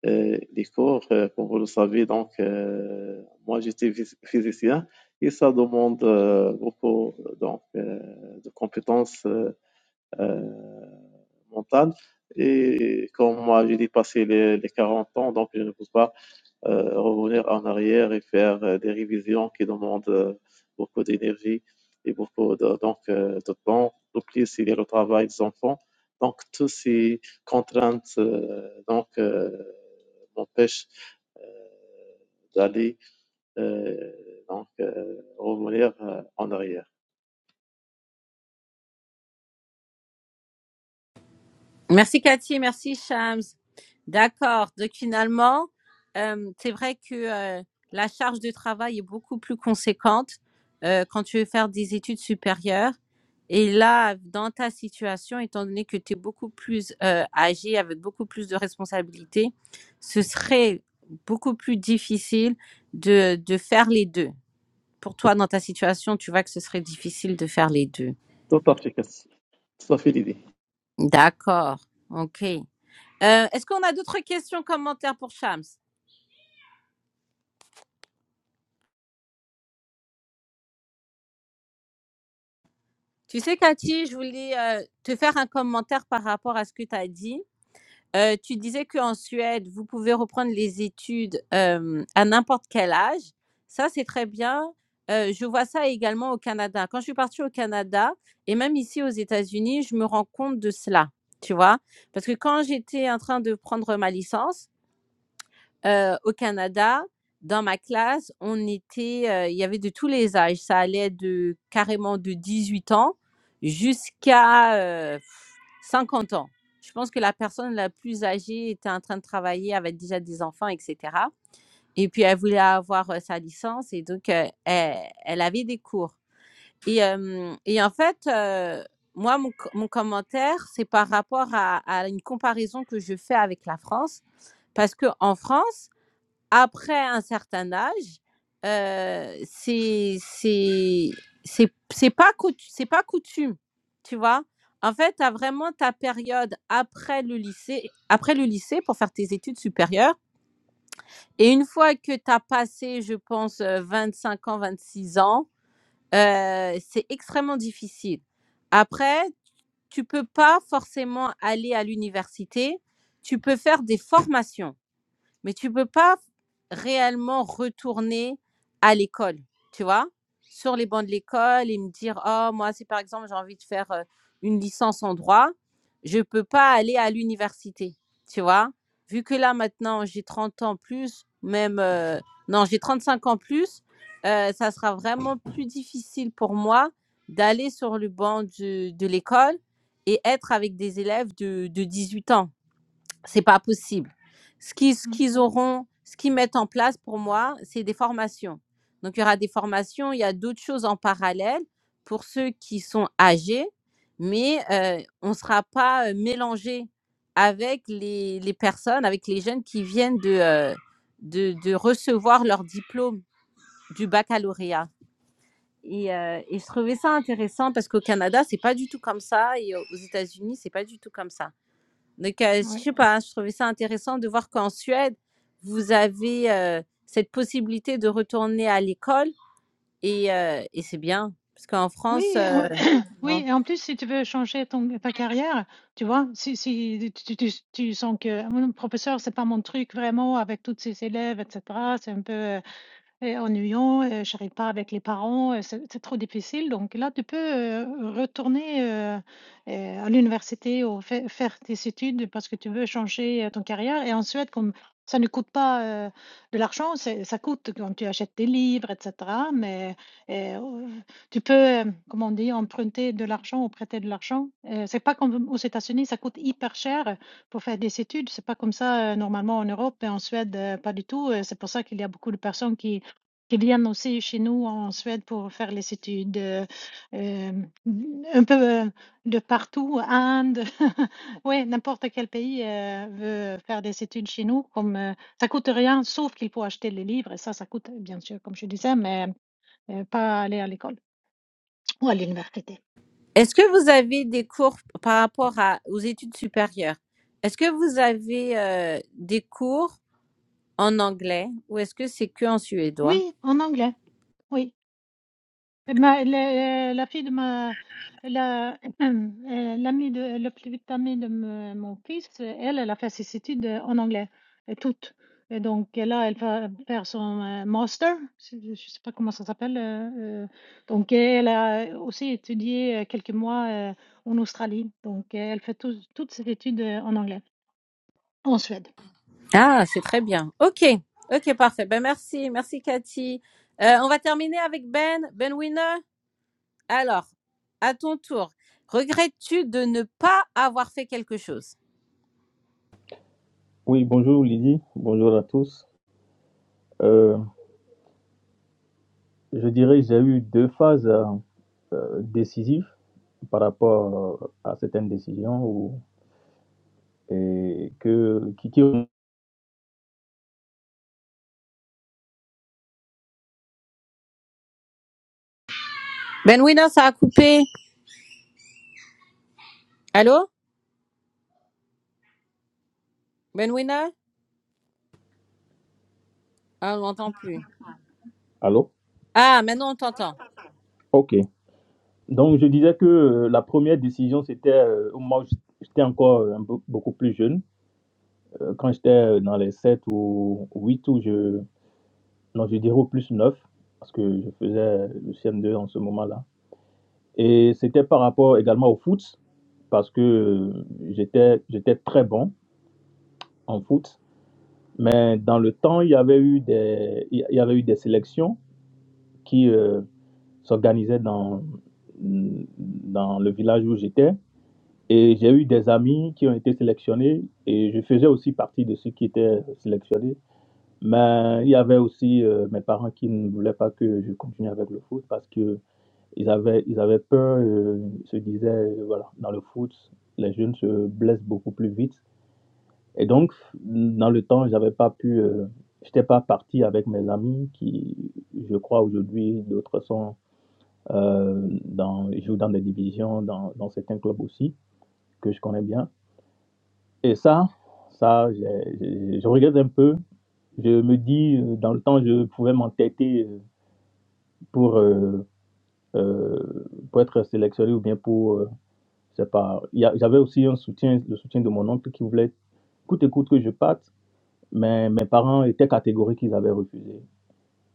Speaker 4: euh, les cours, euh, comme vous le savez. Donc, euh, moi, j'étais phys- physicien et ça demande euh, beaucoup donc, euh, de compétences euh, euh, mentales. Et comme moi, j'ai dépassé les, les 40 ans, donc je ne peux pas euh, revenir en arrière et faire euh, des révisions qui demandent euh, beaucoup d'énergie et beaucoup de, donc, euh, de temps. En plus, il y a le travail des enfants. Donc, toutes ces contraintes euh, donc, euh, m'empêchent d'aller euh, donc, euh, revenir euh, en arrière.
Speaker 1: Merci Cathy, merci Shams. D'accord. Donc finalement, euh, c'est vrai que euh, la charge de travail est beaucoup plus conséquente euh, quand tu veux faire des études supérieures. Et là, dans ta situation, étant donné que tu es beaucoup plus euh, âgé, avec beaucoup plus de responsabilités, ce serait beaucoup plus difficile de, de faire les deux. pour toi, dans ta situation, tu vois que ce serait difficile de faire les deux.
Speaker 4: Total fica total ferida.
Speaker 1: D'accord. OK. Euh, Est-ce qu'on a d'autres questions, commentaires pour Shams Tu sais, Cathy, je voulais euh, te faire un commentaire par rapport à ce que tu as dit. Euh, tu disais qu'en Suède, vous pouvez reprendre les études euh, à n'importe quel âge. Ça, c'est très bien. Euh, je vois ça également au Canada. Quand je suis partie au Canada et même ici aux États-Unis, je me rends compte de cela, tu vois. Parce que quand j'étais en train de prendre ma licence, Heu, au Canada, dans ma classe, on était, heu, il y avait de tous les âges. Ça allait de carrément de 18 ans jusqu'à, heu, 50 ans. Je pense que la personne la plus âgée était en train de travailler, avait déjà des enfants et cetera et puis elle voulait avoir, heu, sa licence et donc, heu, elle elle avait des cours et hem et en fait, heu, moi mon co mon commentaire, c'est par rapport à à une comparaison que je fais avec la France parce qu'en France, après un certain âge, heu, c'est c'est c'est c'est pas coutu c'est pas coutume, tu vois? En fait, tu as vraiment ta période après le lycée après le lycée pour faire tes études supérieures et une fois que tu as passé, je pense, euh, 25 ans, 26 ans, heu, c'est extrêmement difficile. Après, tu peux pas forcément aller à l'université, tu peux faire des formations mais tu peux pas réellement retourner à l'école, tu vois, sur les bancs de l'école et me dire, oh, moi, si par exemple j'ai envie de faire euh, une licence en droit, je peux pas aller à l'université, tu vois, vu que là maintenant j'ai 30 ans plus, même, euh, non, j'ai 35 ans plus, euh, ça sera vraiment plus difficile pour moi d'aller sur le banc du- de l'école et être avec des élèves de, de 18 ans c'est pas possible. Ce qu'ils, ce
Speaker 7: Mmh,
Speaker 1: qu'ils auront, ce qu'ils mettent en place pour moi, c'est des formations. Donc, il y aura des formations, il y a d'autres choses en parallèle pour ceux qui sont âgés, mais euh, on ne sera pas euh, mélangé avec les, les personnes, avec les jeunes qui viennent de, euh, de, de recevoir leur diplôme du baccalauréat. Et, euh, et je trouvais ça intéressant parce qu'au Canada, c'est pas du tout comme ça et aux États-Unis, c'est pas du tout comme ça. Donc, euh, je
Speaker 7: ouais.
Speaker 1: sais pas, hein, je trouvais ça intéressant de voir qu'en Suède, vous avez euh, cette possibilité de retourner à l'école et, euh, et c'est bien. Parce qu'en
Speaker 7: Oui
Speaker 1: France,
Speaker 7: et
Speaker 1: euh,
Speaker 7: en oui
Speaker 1: non.
Speaker 7: et en plus si tu veux changer ton ta carrière, tu vois? Si si tu tu tu sens que: «Ah professeur, c'est pas mon truc vraiment avec toutes ces élèves et cetera, c'est un peu, euh, Heu, ennuyant, heu, j'arrive pas avec les parents, heu, c'est c'est trop difficile donc là tu peux, heu, retourner, heu heu, à l'université ou fai faire tes études parce que tu veux changer, heu, ton carrière et en Suède comme ça ne coûte pas, heu, de l'argent, c'est ça coûte quand tu achètes des livres et cetera mais heu, tu peux, hem, comment on dit? Emprunter de l'argent ou prêter de l'argent, heu, c'est pas comme aux États-Unis, ça coûte hyper cher pour faire des études, c'est pas comme ça, heu, normalement en Europe et en Suède, heu, pas du tout, heu, c'est pour ça qu'il y a beaucoup de personnes qui qui viennent aussi chez nous en Suède pour faire les études, heu, hem, un peu, heu, de partout, Inde, ouais, n'importe quel pays, heu, veut faire des études chez nous comme, heu, ça coûte rien sauf qu'il faut acheter les livres et ça, ça coûte bien sûr comme je disais mais, heu, pas aller à l'école ou à l'université.
Speaker 1: Est-ce que vous avez des cours par rapport à, aux études supérieures? Est-ce que vous avez euh, des cours en anglais ou est-ce que c'est que en suédois?
Speaker 7: Oui, en anglais. Oui. Ma, le- la fille de ma, la, euh, l'amie de, le plus vite amie de me- mon fils, elle, elle a fait ses études euh, en anglais, euh, toutes. Et donc euh, là, elle va faire son euh, master, c'est- je ne sais pas comment ça s'appelle. euh, euh, donc euh, elle a aussi étudié euh, quelques mois euh, en Australie. Donc euh, elle fait tous- toutes ses études euh, en anglais, en Suède.
Speaker 1: Ah, c'est très bien. OK. OK, parfait. Ben, merci. Merci, Cathy. Euh, on va terminer avec Ben. Ben Winner. Alors, à ton tour, regrettes-tu de ne pas avoir fait quelque chose
Speaker 8: Oui, bonjour Lydie, bonjour à tous. Euh, je dirais que j'ai eu deux phases euh, décisives par rapport euh, à certaines décisions ou, et que qui, qui-
Speaker 1: Benwina, ça a coupé. Allô Benwina Ah, on m'entend plus.
Speaker 8: Allô?
Speaker 1: Ah, maintenant on t'entend.
Speaker 8: Ok. Donc je disais que euh, la première décision c'était euh, au moment où j'étais encore euh, un peu, beaucoup plus jeune, Euh, quand j'étais euh, dans les 7 ou 8 ou je non je dirais au plus 9 parce que je faisais le CM2 en ce moment-là. Et c'était par rapport également au foot parce que euh, j'étais j'étais très bon en foot. Mais dans le temps, il y avait eu des il y avait eu des sélections qui euh, s'organisaient dans dans le village où j'étais et j'ai eu des amis qui ont été sélectionnés et je faisais aussi partie de ceux qui étaient sélectionnés. Mais il y avait aussi euh, mes parents qui ne voulaient pas que je continue avec le foot parce que ils avaient ils avaient peur, euh, ils se disaient euh, voilà dans le foot les jeunes se blessent beaucoup plus vite Et donc, dans le temps, j'avais pas pu, euh, j'étais pas parti avec mes amis qui, je crois aujourd'hui, d'autres sont euh, dans, ils jouent dans des divisions, dans, dans certains clubs aussi, que je connais bien. Et ça, ça, j'ai- j'ai- je regrette un peu. Je me dis, euh, dans le temps, je pouvais m'entêter euh, pour, euh, euh, pour être sélectionné ou bien pour, euh, je sais pas. Il y a- J'avais aussi un soutien, le soutien de mon oncle qui voulait coûte et coûte que je parte, mais mes parents étaient catégoriques, ils avaient refusé.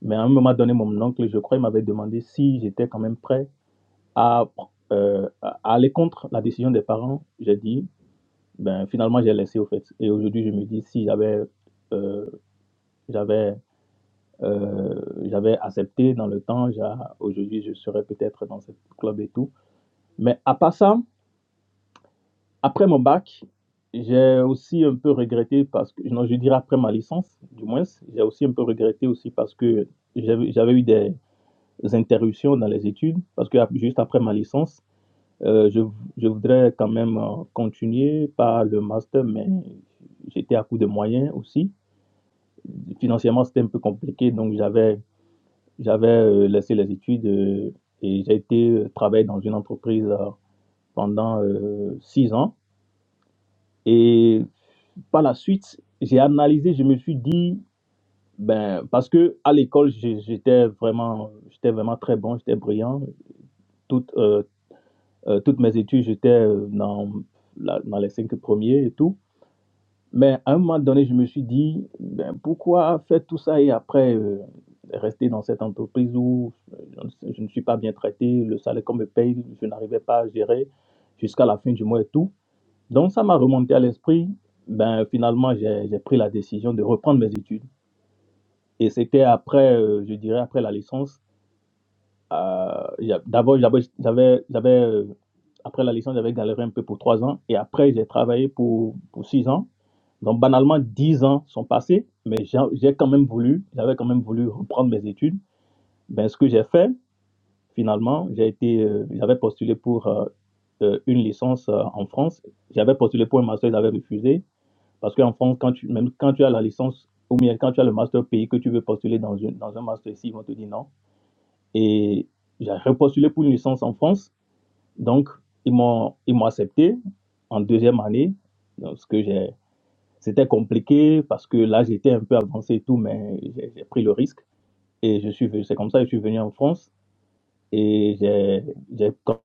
Speaker 8: Mais à un moment donné, mon oncle, je crois, il m'avait demandé si j'étais quand même prêt à, euh, à aller contre la décision des parents. J'ai dit, ben finalement, j'ai laissé au fait. Et aujourd'hui, je me dis, si j'avais euh, j'avais euh, j'avais accepté dans le temps, j'a- aujourd'hui, je serais peut-être dans ce club et tout. Mais à part ça, après mon bac, j'ai aussi un peu regretté parce que, non, je dirais après ma licence, du moins, j'ai aussi un peu regretté aussi parce que j'avais j'avais eu des, interruptions dans les études parce que juste après ma licence, euh, je, je voudrais quand même euh, continuer par le master, mais j'étais à court de moyens aussi. Financièrement, c'était un peu compliqué, donc j'avais j'avais euh, laissé les études euh, et j'ai été euh, travailler dans une entreprise euh, pendant euh, six ans. Et par la suite, j'ai analysé, je me suis dit, ben, parce que à l'école, j'ai- j'étais vraiment, j'étais vraiment très bon, j'étais brillant, tout, euh, Euh, toutes mes études, j'étais euh, dans, la- dans les cinq premiers et tout. Mais à un moment donné, je me suis dit, ben, pourquoi faire tout ça et après euh, rester dans cette entreprise où euh, je ne, sais- je ne suis pas bien traité, le salaire qu'on me paye, je n'arrivais pas à gérer jusqu'à la fin du mois et tout. Donc ça m'a remonté à l'esprit. Ben, finalement, j'ai j'ai pris la décision de reprendre mes études. Et c'était après, euh, je dirais, après la licence euh, il y a- D'abord, j'avais, j'avais, j'avais, euh, après la licence, j'avais galéré un peu pour trois ans et après, j'ai travaillé pour, pour six ans. Donc, banalement, dix ans sont passés, mais j'ai j'ai quand même voulu, j'avais quand même voulu reprendre mes études. Ben, ce que j'ai fait, finalement, j'ai été, euh, j'avais postulé pour euh, euh, une licence euh, en France. J'avais postulé pour un master, ils avaient refusé parce qu'en France, quand tu, même quand tu as la licence ou bien quand tu as le master pays que tu veux postuler dans, une, dans un master ici, ils vont te dire non et j'ai repostulé pour une licence en France. Donc, ils m'ont, ils m'ont accepté en deuxième année. Donc, ce que j'ai, c'était compliqué parce que là, j'étais un peu avancé et tout, mais j'ai, j'ai pris le risque. Et je suis, venu- c'est comme ça que je suis venu en France. Et j'ai, j'ai quand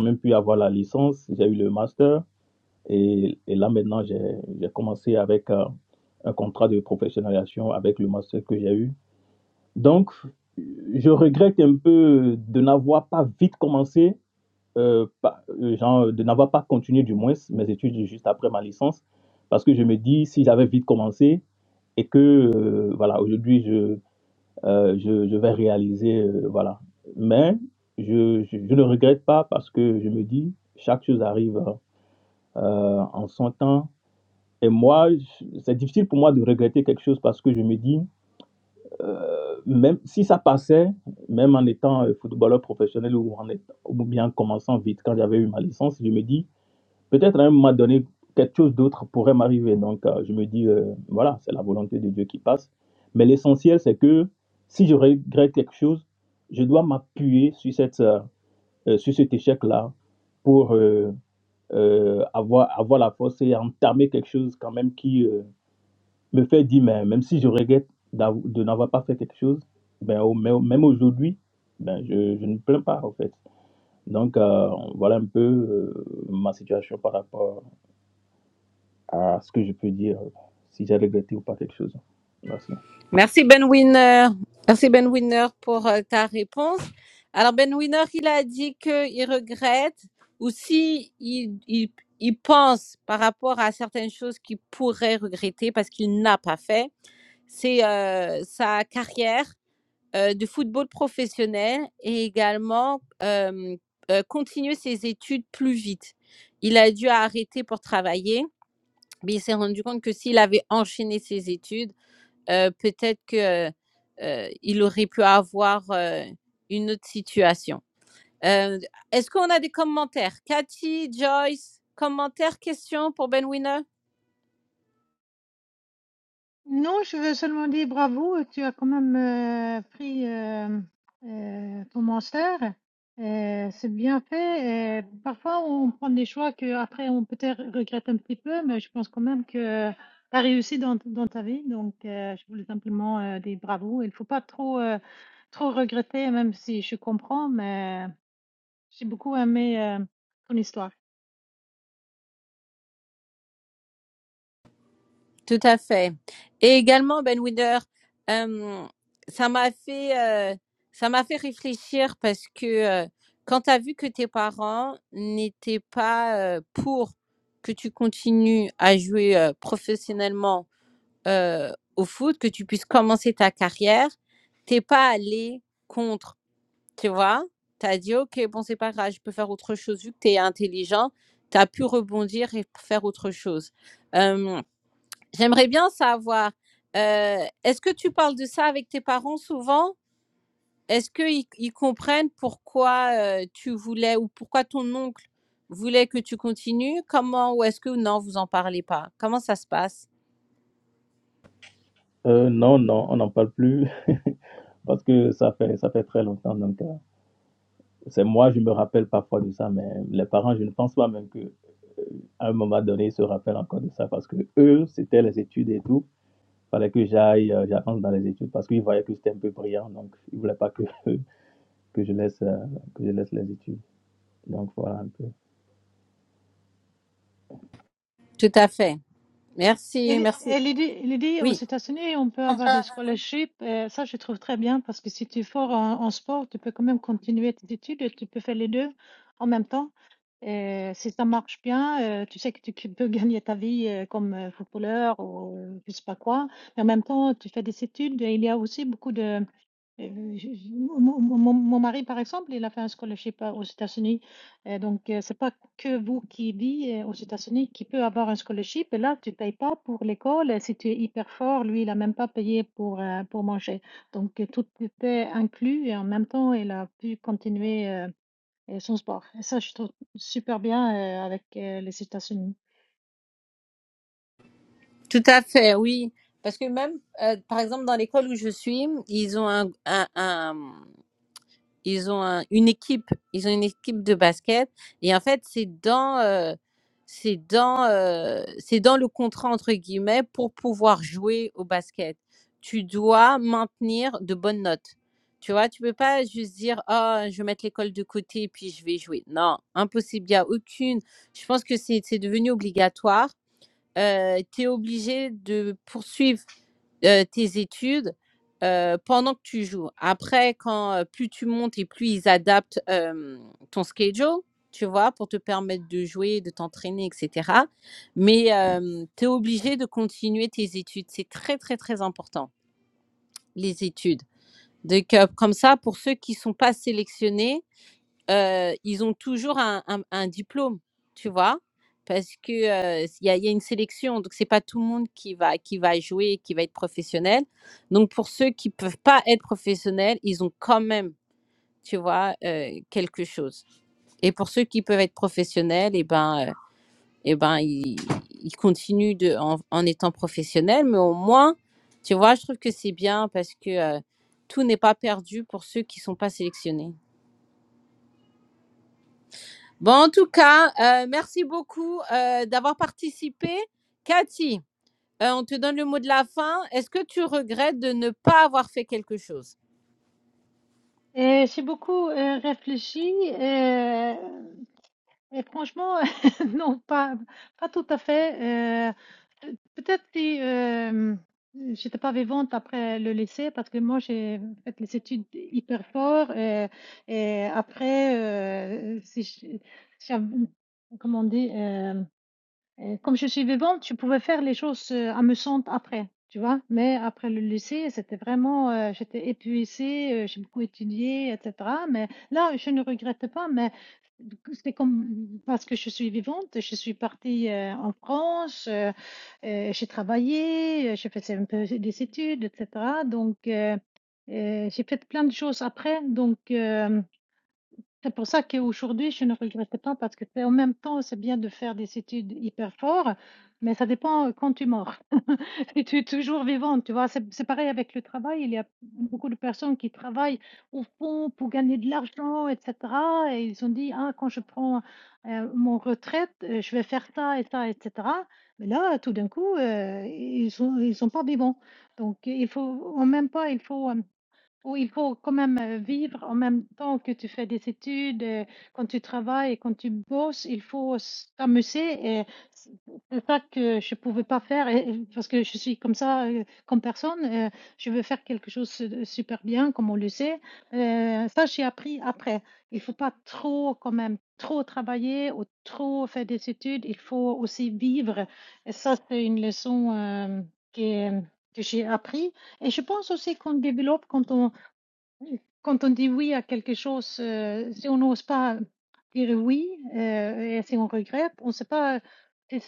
Speaker 8: même pu avoir la licence. J'ai eu le master. Et, et là, maintenant, j'ai, j'ai commencé avec euh, un contrat de professionnalisation avec le master que j'ai eu. Donc, je regrette un peu de n'avoir pas vite commencé euh, pas- euh, genre, de n'avoir pas continué du moins mes études juste après ma licence, parce que je me dis, si j'avais vite commencé et que, euh, voilà, aujourd'hui, je, euh, je, je vais réaliser, euh, voilà. Mais je, je, je ne regrette pas parce que je me dis, chaque chose arrive euh, en son temps. Et moi, je- c'est difficile pour moi de regretter quelque chose parce que je me dis, euh, même si ça passait, même en étant euh, footballeur professionnel ou, en étant- ou bien en commençant vite quand j'avais eu ma licence, je me dis, Peut-être à un moment donné, quelque chose d'autre pourrait m'arriver. Donc, euh, je me dis, euh, voilà, c'est la volonté de Dieu qui passe. Mais l'essentiel, c'est que si je regrette quelque chose, je dois m'appuyer sur, cette, euh, euh, sur cet échec-là pour euh, euh, avoir, avoir la force et entamer quelque chose quand même qui euh, me fait dire, mais même si je regrette d'av- de n'avoir pas fait quelque chose, ben, au- mais- même aujourd'hui, ben, je, je ne me plains pas, en fait. Donc, euh, voilà un peu euh, ma situation par rapport à ce que je peux dire, euh, si j'ai regretté ou pas quelque chose. Merci.
Speaker 1: Merci Benwinner. Merci Benwinner pour euh, ta réponse. Alors Benwinner, il a dit qu'il regrette ou si il, il, il pense par rapport à certaines choses qu'il pourrait regretter parce qu'il n'a pas fait, c'est euh, sa carrière euh, de football professionnel et également euh, euh, continuer ses études plus vite. Il a dû arrêter pour travailler, mais il s'est rendu compte que s'il avait enchaîné ses études, euh, peut-être que euh, il aurait pu avoir euh, une autre situation. Euh, Est-ce qu'on a des commentaires Cathy, Joyce, commentaires, questions pour Ben Winner
Speaker 7: Non, je veux seulement dire bravo, tu as quand même euh, pris euh, euh, ton master. Euh, c'est bien fait. Euh, parfois, on prend des choix que après on peut-être regrette un petit peu, mais je pense quand même que tu as réussi dans, dans ta vie. Donc, euh, je voulais simplement euh, dire bravo. Il ne faut pas trop, euh, trop regretter, même si je comprends, mais j'ai beaucoup aimé euh, ton histoire.
Speaker 1: Tout à fait. Et également, Ben Winder, euh, ça m'a fait, euh, ça m'a fait réfléchir parce que euh, quand tu as vu que tes parents n'étaient pas euh, pour que tu continues à jouer euh, professionnellement euh, au foot, que tu puisses commencer ta carrière, t'es pas allé contre, tu vois. Tu as dit, OK, bon, c'est pas grave, je peux faire autre chose vu que tu es intelligent. Tu as pu rebondir et faire autre chose. Euh, J'aimerais bien savoir, heu, est-ce que tu parles de ça avec tes parents souvent? Est-ce qu'ils ils comprennent pourquoi, heu, tu voulais ou pourquoi ton oncle voulait que tu continues? Comment ou est-ce que non, vous en parlez pas? Comment ça se passe?
Speaker 8: Euh, non, non, on n'en parle plus parce que ça fait, ça fait très longtemps. Donc, euh, c'est moi, je me rappelle parfois de ça, mais les parents, je ne pense pas même qu'à un moment donné, ils se rappellent encore de ça parce que eux, c'était les études et tout. Fallait que j'aille, euh, j'avance dans les études parce qu'ils voyaient que j'étais un peu brillant, donc ils voulaient pas que, que je laisse, euh, que je laisse les études. Donc, voilà un peu.
Speaker 1: Tout à fait. Merci,
Speaker 7: Elle, est-
Speaker 1: merci.
Speaker 7: elle est dit, elle est dit aux
Speaker 1: Oui,
Speaker 7: États-Unis, on peut avoir des scholarships. euh, ça, je trouve très bien parce que si tu es fort en, en sport, tu peux quand même continuer tes études et tu peux faire les deux en même temps. Et si ça marche bien, euh, tu sais que tu tu peux gagner ta vie euh, comme euh, footballeur ou euh, je sais pas quoi. Mais en même temps, tu fais des études. Et il y a aussi beaucoup de... euh, je- je- mon, mon- mon mon mari, par exemple, il a fait un scholarship euh, aux États-Unis. Et donc, euh, c'est pas que vous qui vivez euh, aux États-Unis qui peut avoir un scholarship. Et là, tu payes pas pour l'école. Et si tu es hyper fort, lui, il a même pas payé pour, euh, pour manger. Donc, euh, tout était inclus et en même temps, il a pu continuer euh, euh, son sport. Et ça, je trouve super bien euh, avec euh, les États-Unis.
Speaker 1: tout à fait, oui. Parce que même, heu, par exemple dans l'école où je suis, ils ont un un un ils ont un- une équipe, ils ont une équipe de basket et en fait c'est dans euh, c'est dans euh, c'est dans le contrat entre guillemets pour pouvoir jouer au basket. Tu dois maintenir de bonnes notes. Tu vois, tu peux pas juste dire ah je vais mettre l'école de côté et puis je vais jouer. Non, impossible, il y a aucune. Je pense que c'est c'est devenu obligatoire. Euh, tu es obligé de poursuivre euh, tes études euh, pendant que tu joues. Après, quand euh, plus tu montes et plus ils adaptent euh, ton schedule, tu vois, pour te permettre de jouer, de t'entraîner, etc. Mais tu es obligé de continuer tes études. C'est très, très, très important, les études. Donc, euh, comme ça, pour ceux qui ne sont pas sélectionnés, heu, ils ont toujours un un un diplôme, tu vois? Parce que, heu, il y a il y a une sélection, donc c'est pas tout le monde qui va qui va jouer et qui va être professionnel. Donc pour ceux qui peuvent pas être professionnels, ils ont quand même, tu vois, heu, quelque chose. Et pour ceux qui peuvent être professionnels et ben, heu et ben, ils ils continuent de en en étant professionnels, mais au moins, tu vois, je trouve que c'est bien parce que, heu, tout n'est pas perdu pour ceux qui sont pas sélectionnés. Bon, en tout cas, euh, merci beaucoup euh, d'avoir participé. Cathy, euh, on te donne le mot de la fin. Est-ce que tu regrettes de ne pas avoir fait quelque chose
Speaker 7: Et j'ai beaucoup euh, réfléchi. euh, Et franchement, non, pas, pas tout à fait. Euh, euh, peut-être si euh, j'étais pas vivante après le lycée, parce que moi j'ai fait les études hyper fort. Et, et après, euh, si je- si j'avais- comment on dit, euh, et comme je suis vivante, je pouvais faire les choses, heu, amusantes après, tu vois? Mais après le lycée, c'était vraiment, heu, j'étais épuisée, heu, j'ai beaucoup étudié et cetera, mais là, je ne regrette pas, mais du c'était comme parce que je suis vivante, je suis partie, heu, en France, heu heu, j'ai travaillé, heu, je faisais un peu des études et cetera, donc heu heu, j'ai fait plein de choses après, donc hem c'est pour ça qu'aujourd'hui, je ne regrette pas parce que c'est en même temps, c'est bien de faire des études hyper fortes, mais ça dépend, heu, quand tu mors. Si tu es toujours vivante, tu vois? C'est c'est pareil avec le travail, il y a beaucoup de personnes qui travaillent au fond pour gagner de l'argent et cetera et ils ont dit: «Ah, quand je prends, heu, mon retraite, heu, je vais faire ça et ça et cetera». Mais là, tout d'un coup, heu, ils sont ils sont pas vivants. Donc il faut en même temps, il faut, hem où il faut quand même, heu, vivre en même temps que tu fais des études, heu, quand tu travailles quand tu bosses, il faut s t'amuser et c'est c'est ça que je pouvais pas faire et et parce que je suis comme ça, heu, comme personne, heu, je veux faire quelque chose de super bien comme au lycée, heu, ça j'ai appris après. Il faut pas trop quand même, trop travailler ou trop faire des études, il faut aussi vivre et ça c'est une leçon, hem, qui est que j'ai appris et je pense aussi qu'on développe quand on oui. Quand on dit oui à quelque chose, euh, si on n'ose pas dire oui euh, et si on regrette, on ne sait pas si,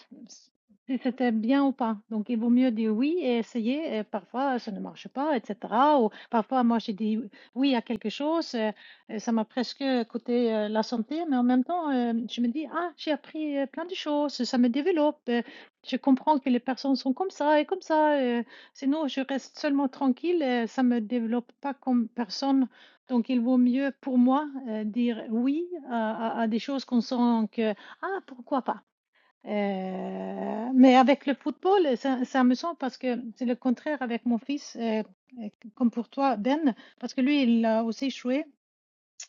Speaker 7: si c'était bien ou pas. Donc, il vaut mieux dire oui et essayer. Et parfois, ça ne marche pas, etc. Ou parfois, moi, j'ai dit oui à quelque chose. euh, et ça m'a presque coûté euh, la santé, mais en même temps, euh, je me dis, ah, j'ai appris euh, plein de choses, ça me développe. euh, je comprends que les personnes sont comme ça et comme ça. euh, Sinon, je reste seulement tranquille, heu, ça me développe pas comme personne, donc il vaut mieux pour moi, heu, dire oui à à à des choses qu'on sent que: «Ah, pourquoi pas?» heu, mais avec le football, ça ça me semble parce que c'est le contraire avec mon fils, heu, heu, comme pour toi, Ben, parce que lui, il a aussi joué.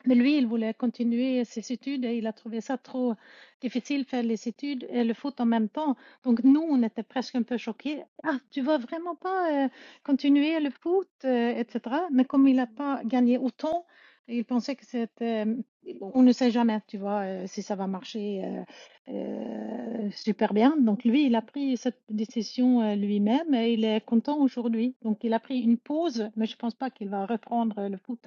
Speaker 7: Mais lui, il voulait continuer ses études et il a trouvé ça trop difficile, faire les études et le foot en même temps. Donc nous, on était presque un peu choqués. Ah, tu vas vraiment pas euh, continuer le foot, euh, etc. Mais comme il n'a pas gagné autant, il pensait que c'était... euh, On ne sait jamais, tu vois, euh, si ça va marcher euh, euh, super bien. Donc lui, il a pris cette décision euh, lui-même et il est content aujourd'hui. Donc il a pris une pause, mais je ne pense pas qu'il va reprendre le foot.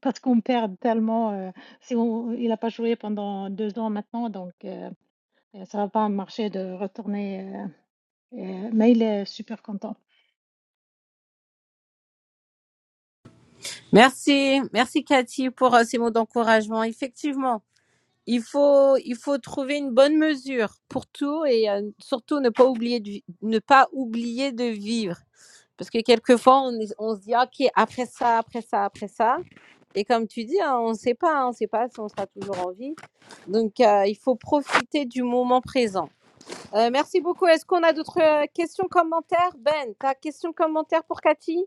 Speaker 7: Parce qu'on perd tellement, heu, si on il a pas joué pendant 2 ans maintenant, donc heu, ça va pas marcher de retourner, heu, heu, mais il est super content.
Speaker 1: Merci, merci Cathy pour euh, ces mots d'encouragement. Effectivement, il faut, il faut trouver une bonne mesure pour tout et euh, surtout ne pas oublier de, vi- ne pas oublier de vivre. Parce que quelquefois, on, est- on se dit, OK, après ça, après ça, après ça. Et comme tu dis, hein, on ne sait pas, hein, on ne sait pas si on sera toujours en vie. Donc, euh, il faut profiter du moment présent. Euh, merci beaucoup. Est-ce qu'on a d'autres euh, questions, commentaires Ben, ta question, commentaire pour Cathy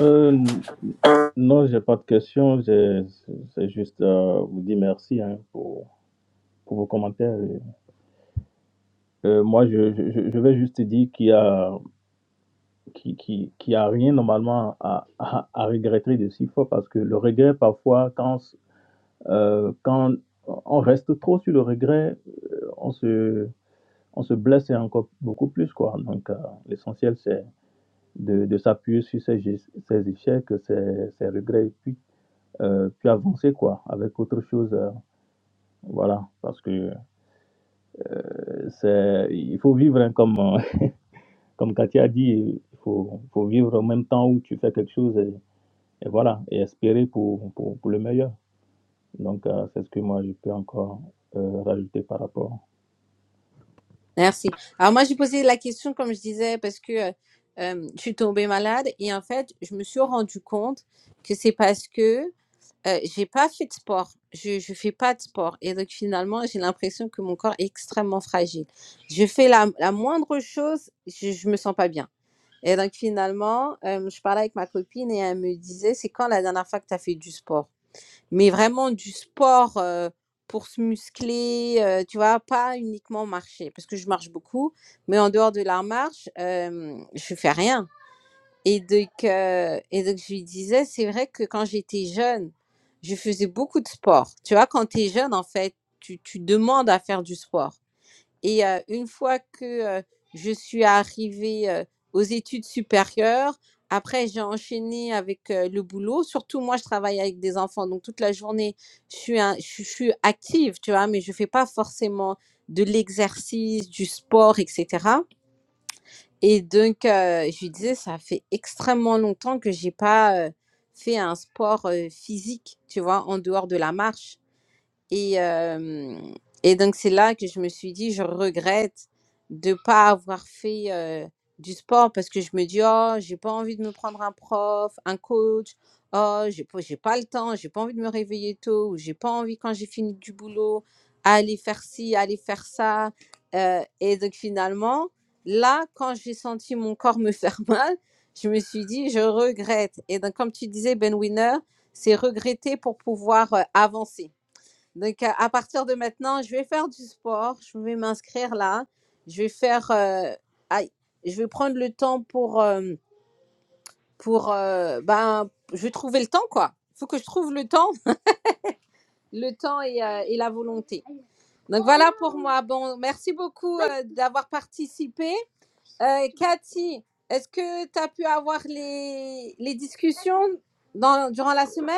Speaker 8: Euh, n- non, j'ai pas de questions. j'ai- C'est juste euh, vous dire merci hein, pour, pour vos commentaires. Et, euh, moi, je, je, je- je vais juste dire qu'il y a, qu'il, qu'il- qu'il y a rien normalement à, à, à regretter de si fort parce que le regret, parfois, quand, euh, quand on reste trop sur le regret, euh, on se, on se blesse et encore beaucoup plus. Quoi. Donc, euh, l'essentiel, c'est de, de s'appuyer sur ses gestes- ces échecs, ses ces regrets. heu, puis avancer quoi, avec autre chose, heu, voilà. Parce que, heu, c'est il faut vivre, hein, comme, heu, comme Katia a dit, il faut faut vivre en même temps où tu fais quelque chose et et voilà et espérer pour pour pour le meilleur. Donc heu, c'est ce que moi je peux encore, heu, rajouter par rapport
Speaker 1: Merci. Alors, moi, j'ai posé la question, comme je disais, parce que euh, euh, je suis tombée malade et en fait, je me suis rendu compte que c'est parce que euh, j'ai pas fait de sport. Je ne fais pas de sport. Et donc, finalement, j'ai l'impression que mon corps est extrêmement fragile. Je fais la, la moindre chose, je ne me sens pas bien. Et donc finalement, euh, je parlais avec ma copine et elle me disait, c'est quand la dernière fois que tu as fait du sport? Mais vraiment du sport euh, pour se muscler, euh, tu vois, pas uniquement marcher, parce que je marche beaucoup, mais en dehors de la marche, euh, je fais rien. Et donc, euh, et donc je lui disais, c'est vrai que quand j'étais jeune, je faisais beaucoup de sport. Tu vois, quand tu es jeune, en fait, tu, tu demandes à faire du sport. Et euh, une fois que euh, je suis arrivée euh, aux études supérieures, après j'ai enchaîné avec euh, le boulot. Surtout moi, je travaille avec des enfants, donc toute la journée, je suis, un- je, je suis active, tu vois, mais je fais pas forcément de l'exercice, du sport, etc. Et donc, euh, je lui disais, ça fait extrêmement longtemps que j'ai pas euh, fait un sport euh, physique, tu vois, en dehors de la marche. Et, euh, et donc, c'est là que je me suis dit, je regrette de ne pas avoir fait euh, du sport parce que je me dis, oh, j'ai pas envie de me prendre un prof, un coach. Oh, j'ai pas, j'ai pas le temps, j'ai pas envie de me réveiller tôt, ou j'ai pas envie quand j'ai fini du boulot, aller faire ci, aller faire ça. Euh, et donc finalement, là, quand j'ai senti mon corps me faire mal, je me suis dit, je regrette. Et donc, comme tu disais, Ben Winner, c'est regretter pour pouvoir euh, avancer. Donc, à, à partir de maintenant, je vais faire du sport. Je vais m'inscrire là. Je vais faire. euh, aïe, je vais prendre le temps pour. euh, pour euh, ben, je vais trouver le temps, quoi. Il faut que je trouve le temps, le temps et, euh, et la volonté. Donc, voilà pour moi. Bon, merci beaucoup euh, d'avoir participé. Euh, Cathy, est-ce que tu as pu avoir les, les discussions dans, durant la semaine?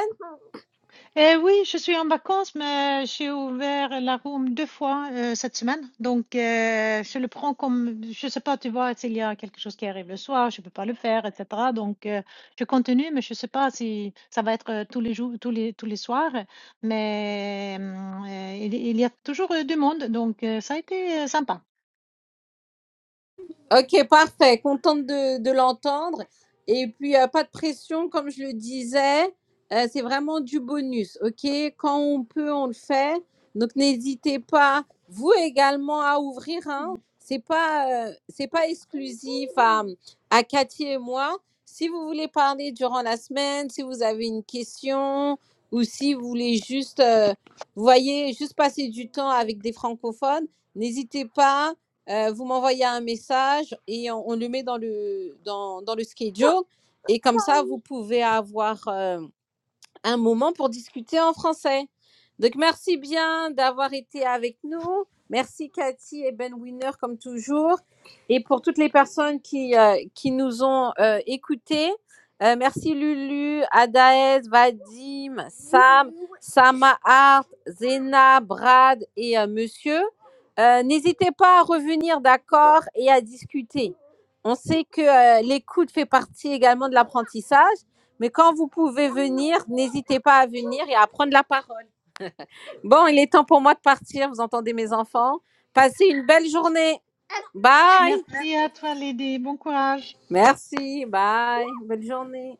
Speaker 7: Eh oui, je suis en vacances, mais j'ai ouvert la room deux fois euh, cette semaine. Donc, euh, je le prends comme, je sais pas, tu vois, s'il y a quelque chose qui arrive le soir, je peux pas le faire, etc. Donc, euh, je continue, mais je sais pas si ça va être euh, tous les jours, tous les tous les soirs. Mais hum, euh, il, il y a toujours euh, du monde, donc euh, ça a été euh, sympa.
Speaker 1: Ok, parfait. Contente de, de l'entendre. Et puis, euh, pas de pression, comme je le disais. Euh, c'est vraiment du bonus, ok? Quand on peut, on le fait. Donc, n'hésitez pas, vous également, à ouvrir. Hein. C'est pas, euh, c'est pas exclusif à, à Cathy et moi. Si vous voulez parler durant la semaine, si vous avez une question ou si vous voulez juste, euh, vous voyez, juste passer du temps avec des francophones, n'hésitez pas euh, vous m'envoyez un message et on, on le met dans le, dans, dans le schedule. Et comme ça, vous pouvez avoir euh, un moment pour discuter en français. Donc, merci bien d'avoir été avec nous. Merci Cathy et Ben Winner, comme toujours. Et pour toutes les personnes qui, euh, qui nous ont euh, écoutés, euh, merci Lulu, Adaez, Vadim, Sam, Sama Art, Zena, Brad et euh, Monsieur. Euh, N'hésitez pas à revenir d'accord et à discuter. On sait que euh, l'écoute fait partie également de l'apprentissage. Mais quand vous pouvez venir, n'hésitez pas à venir et à prendre la parole. Bon, il est temps pour moi de partir. Vous entendez mes enfants Passez une belle journée. Bye.
Speaker 7: Merci à toi, Lydie. Bon courage.
Speaker 1: Merci. Bye. Belle journée.